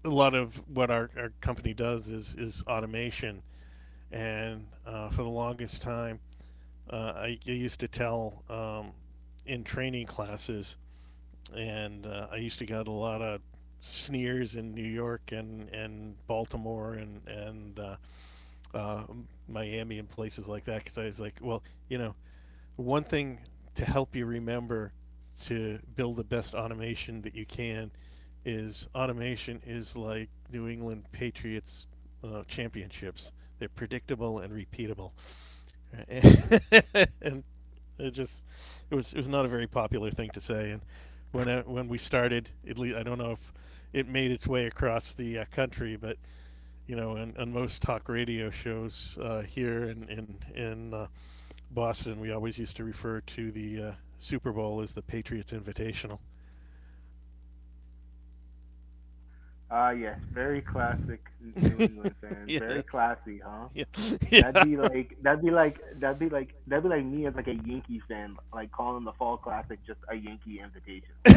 S2: a lot of what our, our company does is is automation, and uh, for the longest time, uh, I, I used to tell um, in training classes, and uh, I used to get a lot of sneers in New York and, and Baltimore and and uh, uh, Miami and places like that because I was like, well, you know, one thing to help you remember to build the best automation that you can is automation is like New England Patriots uh, championships. They're predictable and repeatable, [laughs] and it just it was it was not a very popular thing to say. And when I, when we started, at least I don't know if it made its way across the uh, country, but you know, on, on most talk radio shows uh, here in in, in uh, Boston, we always used to refer to the uh, Super Bowl as the Patriots Invitational.
S1: Ah uh, yes, very classic New England
S2: [laughs]
S1: fans. Very
S2: Yes.
S1: classy, huh?
S2: Yeah.
S1: That'd
S2: [laughs] Yeah.
S1: be like that'd be like that'd be like that'd be like me as like a Yankee fan, like calling the Fall Classic just a Yankee Invitational.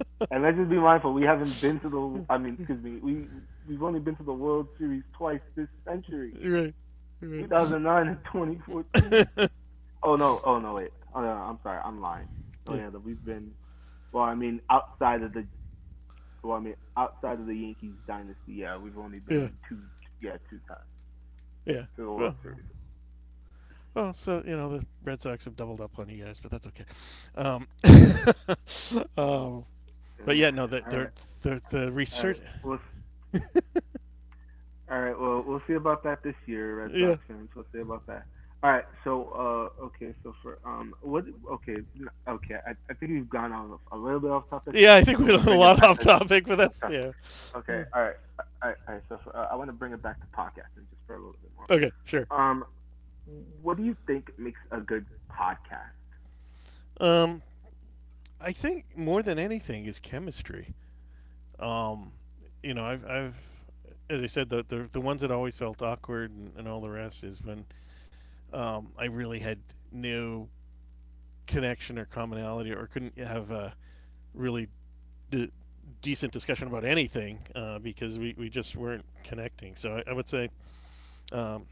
S2: [laughs]
S1: And let's just be mindful, we haven't been to the, I mean, excuse me, we we've only been to the World Series twice this century,
S2: Right. Right.
S1: twenty oh nine and twenty fourteen.
S2: [laughs]
S1: Oh no! Oh no! Wait. Oh no! I'm sorry. I'm lying. Oh
S2: Yeah.
S1: yeah, that we've been. Well, I mean, outside of the. Well, I mean, outside of the Yankees dynasty, yeah, we've only
S2: Yeah.
S1: been two. Yeah, two times
S2: Yeah.
S1: to the
S2: Well,
S1: World Series.
S2: well, so you know the Red Sox have doubled up on you guys, but that's okay. Um, [laughs] um, but
S1: Ugh,
S2: yeah, no, the
S1: all
S2: they're,
S1: right.
S2: they're, the
S1: All right. right.
S2: research.
S1: Let's.
S2: [laughs]
S1: All right. Well, we'll see about that this year, Red
S2: Yeah.
S1: Sox fans. We'll see about that. All right.
S2: Alright, so,
S1: So,
S2: uh,
S1: uh, okay.
S2: okay,
S1: So for
S2: okay, so,
S1: um,
S2: um,
S1: What?
S2: what,
S1: Okay,
S2: okay,
S1: okay. I, I think we've gone off a little bit off
S2: so-
S1: topic.
S2: okay, I, I think
S1: So I
S2: we've
S1: want
S2: gone
S1: to
S2: on a
S1: bring
S2: little
S1: it
S2: bit
S1: back
S2: off
S1: to
S2: topic. Yeah, I think we went a lot off topic, but
S1: off
S2: that's
S1: topic.
S2: yeah.
S1: Okay.
S2: Yeah.
S1: All right. All right. All right, so for, uh, I want to bring it back to podcasting just for a little bit more.
S2: Okay, sure.
S1: Um, what do you think makes a good podcast?
S2: Um, I think more than anything is chemistry. Um, you know, I've, I've as I said, the, the the ones that always felt awkward and, and all the rest is when um, I really had no connection or commonality, or couldn't have a really d- decent discussion about anything uh, because we, we just weren't connecting. So I, I would say um,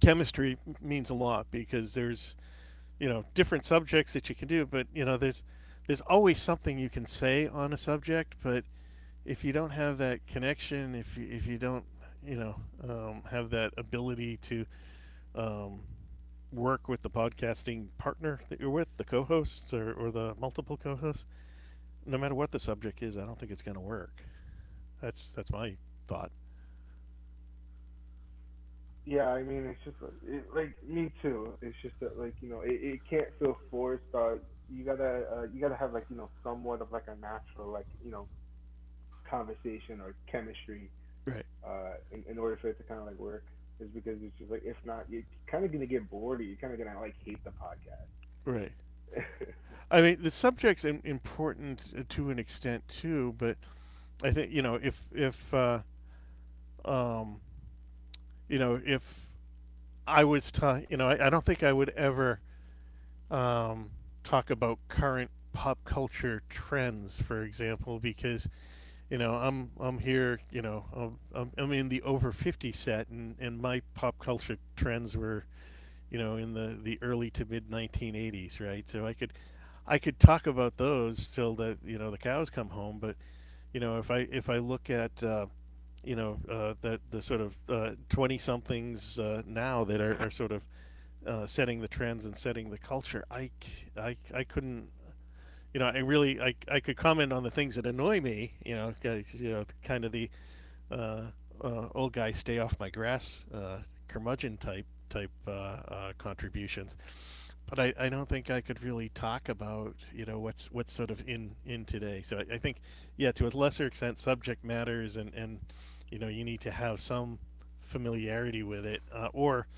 S2: chemistry means a lot because there's you know different subjects that you can do, but you know there's there's always something you can say on a subject. But if you don't have that connection, if you, if you don't you know um, have that ability to um, work with the podcasting partner that you're with, the co-hosts or, or the multiple co-hosts, no matter what the subject is, I don't think it's going to work. That's that's my thought.
S1: Yeah, I mean, it's just like- it, like me too. It's just that like you know, it, it can't feel forced. Uh, you gotta uh, you gotta have like you know somewhat of like a natural like you know conversation or chemistry
S2: Right,
S1: uh in, in order for it to kind of like work. Is because it's just like, if not, you're kind of gonna get bored. Or you're kind of gonna like hate the podcast.
S2: right.
S1: [laughs]
S2: I mean, the subject's important uh, to an extent too, but I think you know if if uh, um, you know if I was ta you know I, I don't think I would ever um, talk about current pop culture trends, for example, because you know I'm I'm here you know I'm, I'm in the over fifty set, and and my pop culture trends were you know, in the, the early to mid nineteen eighties, right? So I could, I could talk about those till the you know the cows come home. But you know, if I if I look at uh, you know uh, the the sort of uh, twenty somethings uh, now that are, are sort of uh, setting the trends and setting the culture, I I I I, c- I couldn't. You know, I really I, I could comment on the things that annoy me. You know, 'cause, you know, kind of the uh, uh, old guy stay off my grass uh, curmudgeon type type uh, uh, contributions. But I, I don't think I could really talk about you know what's what's sort of in in today. So I, I think yeah, to a lesser extent subject matters and and you know you need to have some familiarity with it uh, or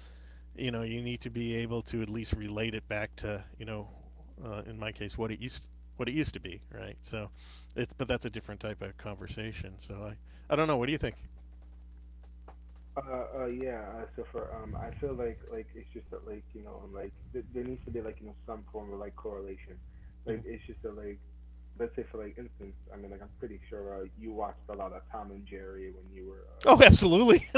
S2: you know you need to be able to at least relate it back to you know uh, in my case what it used what it used to be, right? So it's but that's a different type of conversation. So I I don't know, what do you think?
S1: Uh, uh, yeah. Uh, so for um, I feel like like it's just that like you know um, like th- there needs to be like you know some form of like correlation. Like
S2: Mm-hmm.
S1: it's just that like, let's say for like instance, I mean like I'm pretty sure uh, you watched a lot of Tom and Jerry when you were uh
S2: Oh,
S1: when you
S2: absolutely.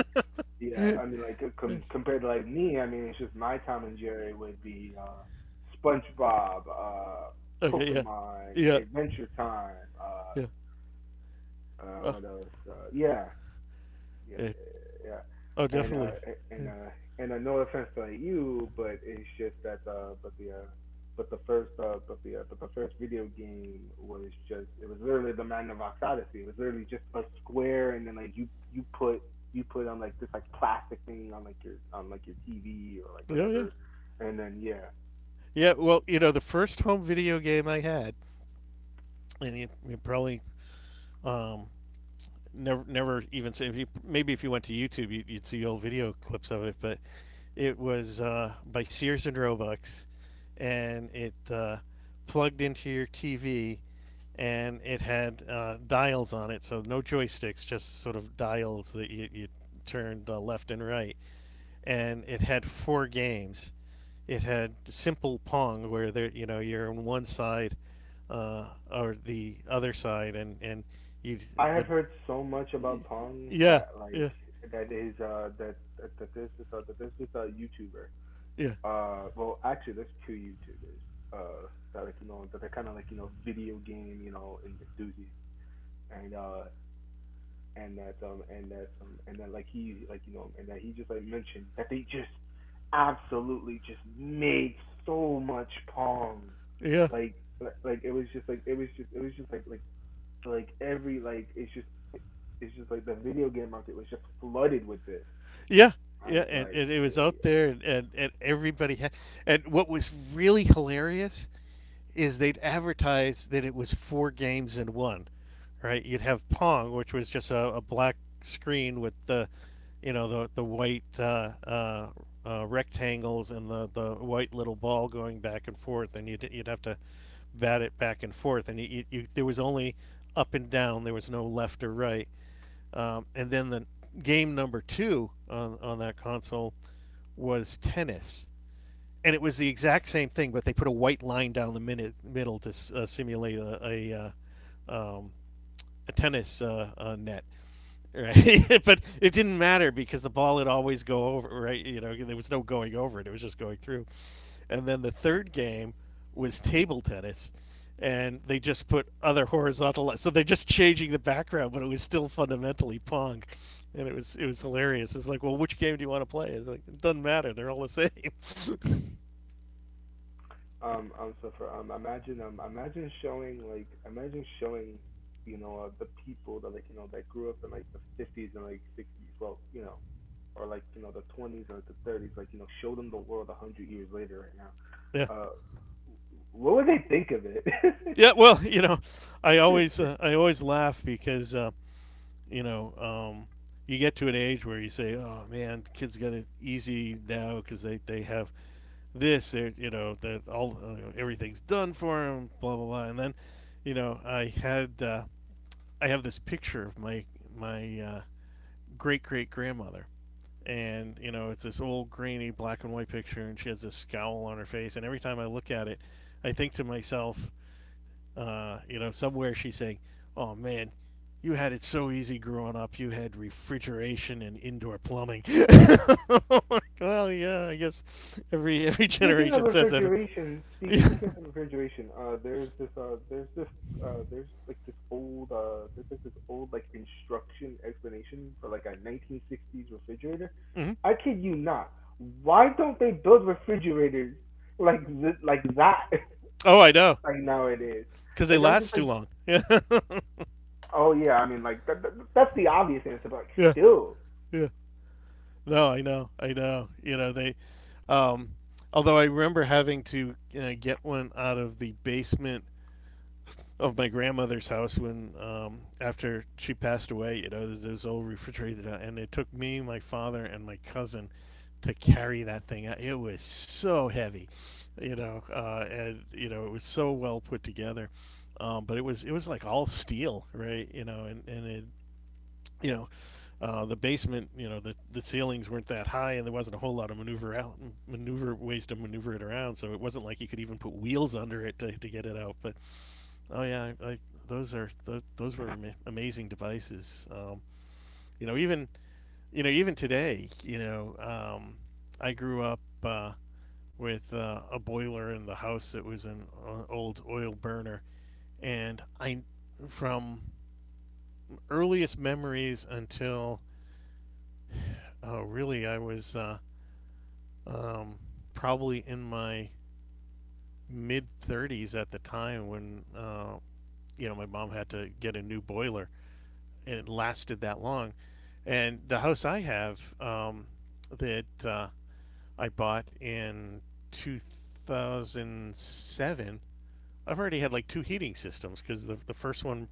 S2: [laughs]
S1: yeah.
S2: Okay,
S1: I mean like uh, com- compared to like me, I mean it's just my Tom and Jerry would be uh SpongeBob, uh
S2: yeah,
S1: Pokemon,
S2: yeah,
S1: Adventure Time, uh
S2: yeah.
S1: uh
S2: Oh,
S1: what else uh yeah. Yeah,
S2: yeah.
S1: yeah, yeah.
S2: Oh,
S1: And uh,
S2: definitely.
S1: and
S2: Yeah.
S1: uh, and uh, no offense to you, but it's just that uh, but the uh, but the first uh, but the uh, but the first video game was just, it was literally the Man of Ox Odyssey. It was literally just a square, and then like you you put you put on like this like plastic thing on like your on like your T V or like
S2: Oh, yeah,
S1: whatever, and then yeah.
S2: yeah. Well, you know, the first home video game I had, and you, you probably um, never never even say. If you, maybe if you went to YouTube, you'd, you'd see old video clips of it. But it was uh, by Sears and Roebucks, and it uh, plugged into your T V, and it had uh, dials on it, so no joysticks, just sort of dials that you, you turned uh, left and right. And it had four games. It had simple Pong, where there you know you're on one side uh, or the other side, and and you
S1: I have
S2: the
S1: heard so much about Pong
S2: yeah,
S1: that like
S2: yeah,
S1: that is uh that that, that this is uh, that this is a YouTuber.
S2: yeah,
S1: Uh well actually there's two YouTubers uh that like you know that are kinda like, you know, video game, you know, en- enthusiasts, and uh and that um and that um and that like he, like you know and that he just like mentioned that they just absolutely just made so much pong.
S2: yeah,
S1: Like li- like it was just like it was just it was just like, like like every like it's just it's just like the video game market was just flooded with it.
S2: yeah,
S1: I
S2: yeah.
S1: was
S2: And,
S1: like,
S2: and it was out there, and, and, and everybody had. And what was really hilarious is they'd advertise that it was four games in one, right? You'd have Pong, which was just a, a black screen with the, you know, the the white uh, uh, uh, rectangles and the the white little ball going back and forth, and you'd you'd have to bat it back and forth, and you, you, you there was only up and down, there was no left or right. Um, and then the game number two on, on that console was tennis. And it was the exact same thing, but they put a white line down the minute, middle to uh, simulate a, a, uh, um, a tennis uh, uh, net, right? [laughs] But it didn't matter because the ball would always go over, right? You know, there was no going over it; it was just going through. And then the third game was table tennis, and they just put other horizontal. li- So they're just changing the background, but it was still fundamentally pong, and it was it was hilarious. It's like, well, which game do you want to play? It's like it doesn't matter; they're all the same.
S1: Um, um, so for um, imagine, um, imagine showing, like imagine showing, you know, uh, the people that like you know that grew up in like the fifties and like sixties, well, you know, or like you know the twenties or the thirties, like you know, show them the world a hundred years later right now.
S2: [laughs] Yeah,
S1: Uh, what would they think of it?
S2: yeah. Well, you know, I always
S1: [laughs]
S2: uh, I always laugh because. Uh, you know, um, you get to an age where you say, "Oh man, kids got it easy now because they, they have this. They're you know that all uh, everything's done for them. Blah blah blah." And then, you know, I had uh, I have this picture of my my uh, great great grandmother, and you know it's this old grainy black and white picture, and she has this scowl on her face. And every time I look at it, I think to myself, uh, you know, somewhere she's saying, "Oh man, you had it so easy growing up. You had refrigeration and indoor plumbing." [laughs] Well, yeah, I guess every every [laughs]
S1: Speaking of
S2: generation says that.
S1: refrigeration, speak, speaking
S2: [laughs]
S1: of refrigeration, uh, there's this, uh, there's this, uh, there's like this old, uh, there's like this old like instruction explanation for like a nineteen sixties refrigerator.
S2: Mhm.
S1: I kid you not. Why don't they build refrigerators like th- like that,
S2: Oh, I know,
S1: [laughs] like nowadays?
S2: because they
S1: Like I'm just
S2: last too
S1: like,
S2: long. [laughs]
S1: oh yeah, I mean like that, that, that's the obvious answer, but like
S2: Yeah,
S1: still,
S2: yeah, yeah. No, I know, I know. You know they. Um, Although I remember having to uh, get one out of the basement of my grandmother's house when um, after she passed away. You know, there's this old refrigerator, and it took me, my father, and my cousin to carry that thing out. It was so heavy, you know, uh, and you know it was so well put together. Um, but it was it was like all steel, right? You know, and and it you know uh, the basement, you know the the ceilings weren't that high, and there wasn't a whole lot of maneuver out, maneuver ways to maneuver it around. So it wasn't like you could even put wheels under it to, to get it out. But oh yeah, I, I, those are those, those were ama- amazing devices. Um, you know, even you know even today, you know, um, I grew up uh, with uh, a boiler in the house that was an o- old oil burner, and I from earliest memories until uh, really I was uh, um, probably in my mid thirties at the time when uh, you know my mom had to get a new boiler, and it lasted that long. And the house I have um, that uh, I bought in two thousand seven, I've already had like two heating systems because the, the first one,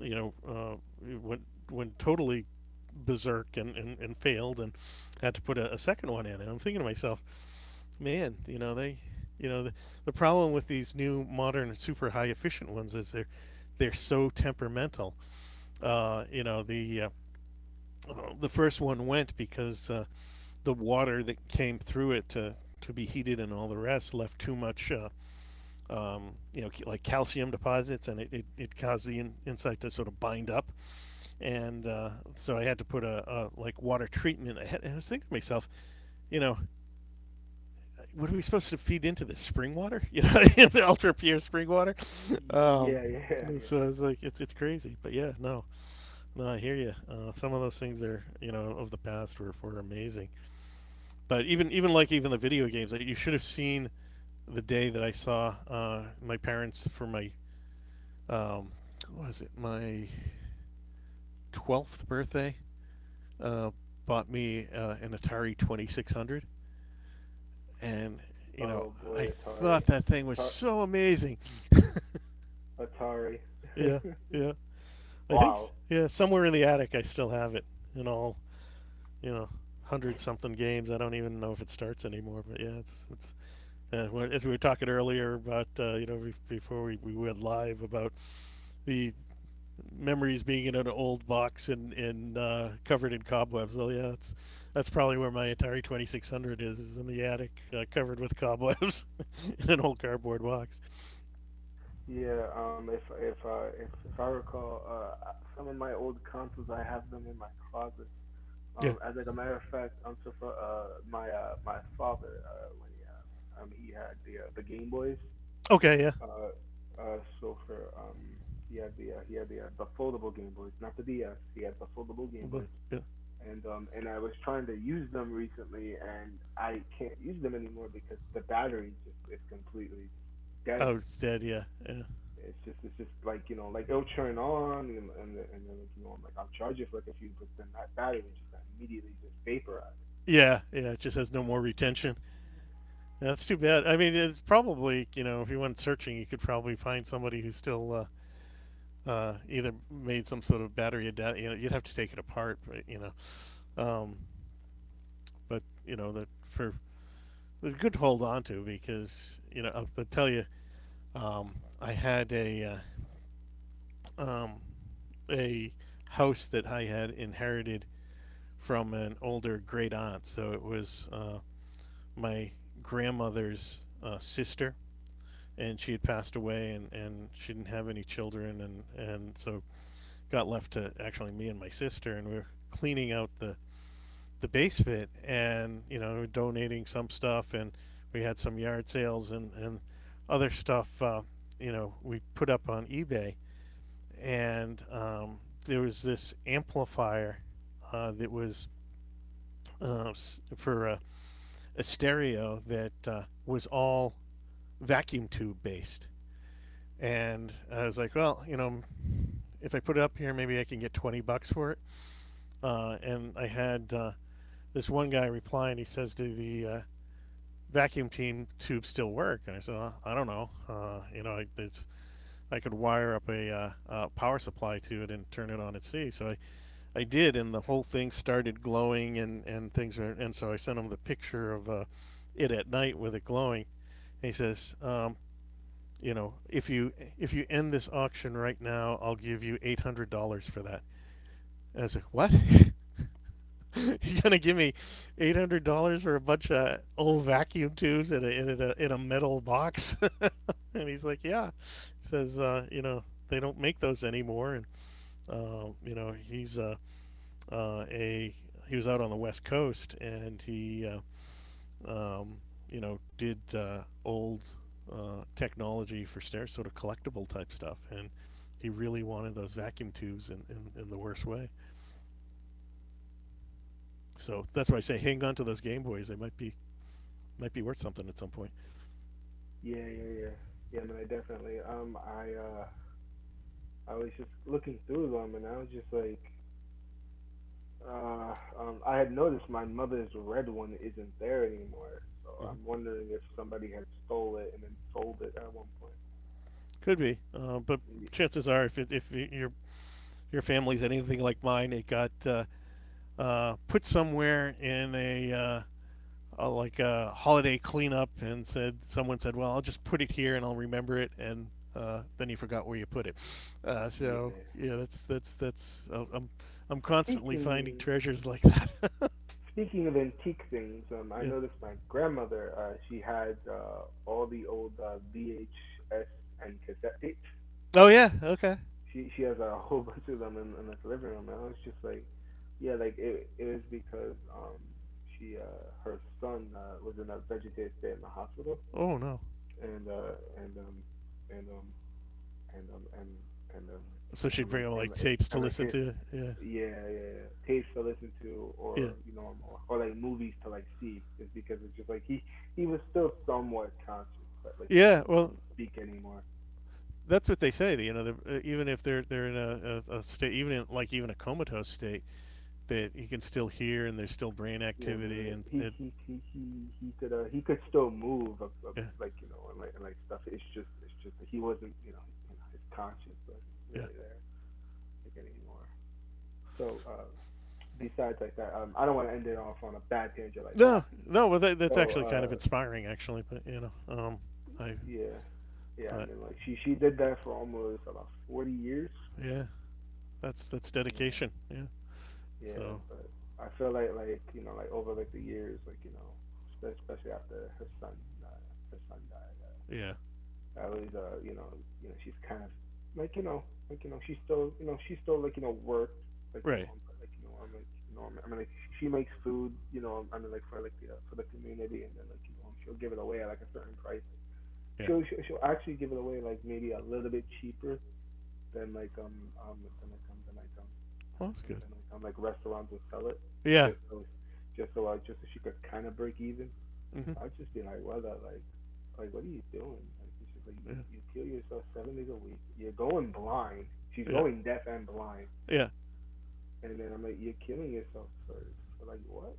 S2: you know, uh, went went totally berserk and, and, and failed and had to put a, a second one in. And I'm thinking to myself, man, you know, they, you know, the, the problem with these new modern super high efficient ones is they're they're so temperamental. Uh, you know, the uh, uh, the first one went because uh, the water that came through it to, to be heated and all the rest left too much, uh, um, you know, like calcium deposits, and it, it, it caused the in, insect to sort of bind up. And uh, so I had to put a, a like water treatment ahead. And I was thinking to myself, you know, what are we supposed to feed into this spring water? You know, [laughs] ultra pure spring water. Um,
S1: yeah, [laughs] yeah,
S2: so I was
S1: yeah.
S2: like it's it's crazy, but yeah, no, no, I hear you. Uh, some of those things are you know of the past were were amazing. But even even like even the video games, like you should have seen the day that I saw uh, my parents for my um, what was it my twelfth birthday uh, bought me uh, an Atari Twenty Six Hundred, and you know
S1: Oh
S2: I
S1: boy,
S2: thought
S1: Atari,
S2: that thing was so amazing. [laughs]
S1: Atari,
S2: Yeah,
S1: Atari.
S2: yeah.
S1: [laughs]
S2: I think
S1: wow.
S2: yeah, somewhere in the attic I still have it, and all you know, hundred something games. I don't even know if it starts anymore, but yeah, it's it's uh, well, as we were talking earlier about, uh, you know, before we, we went live about the memories being in an old box and, and uh, covered in cobwebs. Oh yeah, that's that's probably where my Atari twenty six hundred is, is in the attic, uh, covered with cobwebs [laughs] in an old cardboard box.
S1: Yeah, um, if if uh, if if I recall, uh, some of my old consoles I have them in my closet. Um,
S2: Yeah.
S1: as like a matter of fact, um, so for uh my uh my father uh when he um, um he had the uh, the Game Boys.
S2: Okay. Yeah.
S1: Uh uh so for um He had the uh, he had the uh, the foldable Game Boys, not the D S. He had the foldable Game Boys,
S2: Well, yeah.
S1: and um and I was trying to use them recently, and I can't use them anymore because the battery just is completely just dead.
S2: Oh, it's dead. Yeah. Yeah.
S1: It's just it's just like, you know, like it'll turn on and and, then- and then like, you know, I'm like I'll charge it for like a few, but then that battery would just immediately just vaporize.
S2: Yeah. Yeah. It just has no more retention. That's too
S1: Yeah.
S2: bad. I mean, it's probably you know, if you went searching, you could probably find somebody who's still uh, uh, either made some sort of battery adapt. You know, you'd have to take it apart, but you know, um, but you know that for it's good to hold on to because you know I'll, I'll tell you, um, I had a uh, um, a house that I had inherited from an older great aunt. So it was uh, my grandmother's uh, sister, and she had passed away, and, and she didn't have any children, and and so got left to actually me and my sister, and we were cleaning out the the base fit, and you know, we were donating some stuff, and we had some yard sales and and other stuff. Uh, you know, we put up on eBay, and um, there was this amplifier uh, that was uh, for a, a stereo that uh, was all vacuum tube based. And I was like, well, you know, if I put it up here, maybe I can get twenty bucks for it. Uh, and I had uh, this one guy reply, and he says to the uh, vacuum team tubes still work? And I said, "Uh, I don't know. Uh, you know, I, it's, I could wire up a, uh, uh power supply to it and turn it on at sea. So I, I did, and the whole thing started glowing, and, and things were, and so I sent him the picture of uh, it at night with it glowing. And he says, um, you know, if you if you end this auction right now, I'll give you eight hundred dollars for that." And I was like, what? [laughs] [laughs] You're gonna give me eight hundred dollars for a bunch of old vacuum tubes in a in a in a metal box? [laughs] And he's like, yeah. He says, uh, you know, they don't make those anymore. And uh, you know, he's uh, uh, a he was out on the west coast, and he uh, um, you know, did uh, old uh, technology for stairs, sort of collectible type stuff, and he really wanted those vacuum tubes in, in, in the worst way. So that's why I say hang on to those Game Boys. They might be might be worth something at some point.
S1: Yeah, yeah, yeah. Yeah, man, I definitely um I uh I was just looking through them, and I was just like uh um I had noticed my mother's red one isn't there anymore. So I'm
S2: Hmm.
S1: wondering if somebody had stole it and then sold it at one point.
S2: Could be, uh, but
S1: Y-
S2: chances are, if it, if your your family's anything like mine, it got uh, uh, put somewhere in a, uh, a like a holiday cleanup, and said someone said, "Well, I'll just put it here, and I'll remember it," and uh, then you forgot where you put it. Uh, so
S1: yeah.
S2: yeah, that's that's that's uh, I'm I'm constantly finding
S1: Speaking
S2: treasures like that.
S1: Speaking of antique things, um, I
S2: [laughs] Yeah.
S1: noticed my grandmother, uh, she had uh, all the old uh, V H S and cassette tapes.
S2: Oh yeah. Okay.
S1: She she has a [laughs] whole bunch of them in, in the living room, and I was just like, yeah, like it it was because um she uh her son uh, was in a vegetative state in the hospital,
S2: Oh no.
S1: and uh and um and um and um and and um
S2: So
S1: and
S2: she'd
S1: I'm
S2: bring
S1: like
S2: them
S1: and
S2: like tapes to
S1: and like
S2: listen
S1: his.
S2: to. Yeah.
S1: Yeah, yeah, yeah. Tapes to listen to,
S2: Yeah.
S1: or you know, or, or like movies to like see, is because it's just like he he was still somewhat conscious, but like you know,
S2: Yeah.
S1: but he
S2: Well,
S1: couldn't speak anymore.
S2: that's what they say. You know, uh, even if they're they're in a, a, a state, even in, like even a comatose state, that you can still hear and there's still brain
S1: Yeah,
S2: activity
S1: man.
S2: and
S1: He
S2: it,
S1: he he he he could uh he could still move, uh, uh,
S2: yeah,
S1: like you know, and like and like stuff. It's just it's just that he wasn't you know you know his conscience wasn't
S2: yeah.
S1: really there like anymore. So uh, besides like that, um, I don't want to end it off on a bad tangent like
S2: No,
S1: that.
S2: no, well that, that's
S1: So
S2: actually kind of
S1: uh,
S2: inspiring, actually. But you know, um, I,
S1: Yeah. Yeah, I
S2: but
S1: mean like she she did that for almost about forty years.
S2: yeah, that's that's
S1: Yeah.
S2: dedication. Yeah.
S1: Yeah,
S2: So
S1: but I feel like like, you know, like over like the years, like, you know, spe- especially after her son uh, her son died.
S2: yeah,
S1: Uh, I always uh, you know, you know, she's kind of like, you know, like you know, she's still, you know, she's still like, you know, works like you know,
S2: right.
S1: I'm like you know, I'm like you know, I'm, I mean like she she makes food, you know, I mean like for like the uh, for the community, and then like you know, she'll give it away at like a certain price.
S2: Yeah.
S1: She'll she'll she'll actually give it away like maybe a little bit cheaper then like um um then I come then I come then
S2: Well,
S1: I
S2: that's
S1: come
S2: good.
S1: then I come like restaurants would sell it
S2: Yeah.
S1: just so just so I just so she could kind of break even. I
S2: Hmm.
S1: would just be like, what the like like what are you doing? Like it's just like you,
S2: Yeah.
S1: you kill yourself seven days a week. You're going blind. She's
S2: Yeah.
S1: going deaf and blind.
S2: Yeah.
S1: And then I'm like, you're killing yourself for for like what?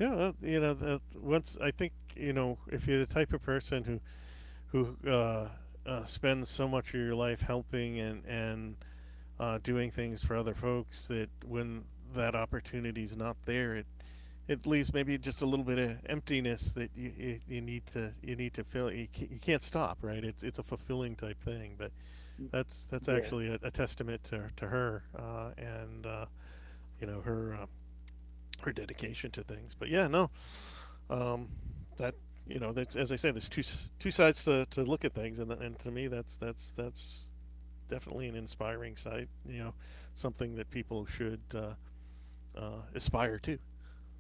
S2: Yeah, well, you know, that once I think, you know, if you're the type of person who who uh, uh, spends so much of your life helping and and uh, doing things for other folks that when that opportunity's not there, it it leaves maybe just a little bit of emptiness that you, you, you need to you need to fill. You can't, you can't stop, right? It's it's a fulfilling type thing, but that's that's
S1: Yeah.
S2: actually a, a testament to to her uh, and uh, you know her uh, her dedication to things. But yeah, no, um, that you know, that's, as I say, there's two two sides to, to look at things, and and to me, that's that's that's definitely an inspiring site. You know, something that people should uh, uh, aspire to.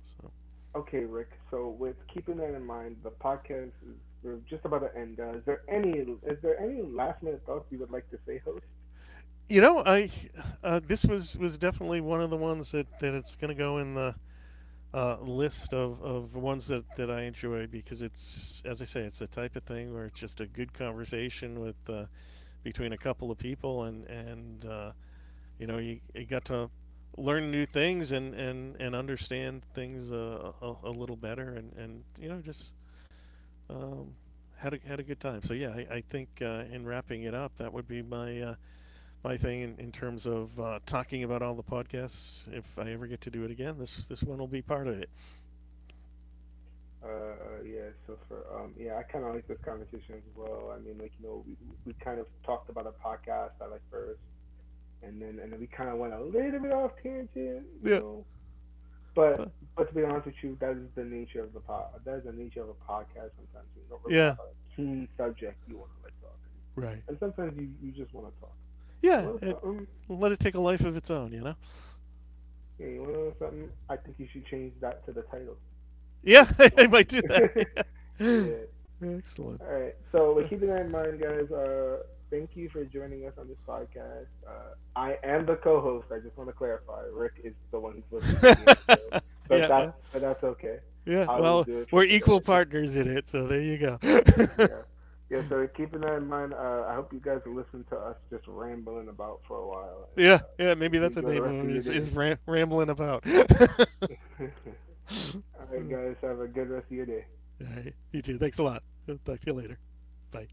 S2: So
S1: Okay, Rick. So with keeping that in mind, the podcast is we're just about to end. Uh, is there any is there any last minute thoughts you would like to say, host?
S2: you know, I uh, this was was definitely one of the ones that that it's going to go in the. Uh, list of, of ones that, that I enjoy because it's, as I say, it's the type of thing where it's just a good conversation with uh, between a couple of people and and uh, you know, you, you got to learn new things and, and, and understand things uh, a, a little better and, and you know, just um, had, a, had a good time. So, yeah, I, I think uh, in wrapping it up, that would be my, uh, my thing in, in terms of uh, talking about all the podcasts. If I ever get to do it again, this, this one will be part of it.
S1: Uh, uh, yeah, so for um, yeah, I kind of like this conversation as well. I mean, like you know, we we kind of talked about a podcast I like first, and then and then we kind of went a little bit off tangent, you
S2: Yeah.
S1: know. But
S2: But,
S1: but to be honest with you, that is the nature of the pod. That is the nature of a podcast. Sometimes we don't really
S2: yeah.
S1: have a keen subject you want to like talk,
S2: Right.
S1: and sometimes you you just want to talk. You
S2: Yeah.
S1: want
S2: It,
S1: something?
S2: let it take a life of its own, you know?
S1: Yeah, you want something? I think you should change that to the title.
S2: Yeah,
S1: Just
S2: [laughs] I might
S1: fucking.
S2: do that.
S1: [laughs]
S2: Yeah.
S1: yeah.
S2: Excellent.
S1: All right. So, like, keeping that in mind, guys, uh, thank you for joining us on this podcast. Uh, I am the co-host. I just want to clarify. Rick is the one who's supposed to be doing the outro,
S2: [laughs]
S1: but
S2: yeah,
S1: that's
S2: well,
S1: but that's okay.
S2: Yeah,
S1: I will
S2: well,
S1: do it for
S2: we're
S1: today.
S2: equal
S1: It's,
S2: partners in it, so there you go. [laughs]
S1: yeah, yeah. So, keeping that in mind, uh, I hope you guys listen to us just rambling about for a while, and
S2: Yeah,
S1: uh, we
S2: yeah,
S1: hope
S2: maybe
S1: you
S2: that's the
S1: enjoy the
S2: name
S1: rest of
S2: of it
S1: your
S2: is
S1: days.
S2: is ram- rambling about. [laughs] So,
S1: [laughs] All right,
S2: all
S1: guys, have a good rest of your day.
S2: right, you too. Thanks a lot. I'll talk to you later. Bye.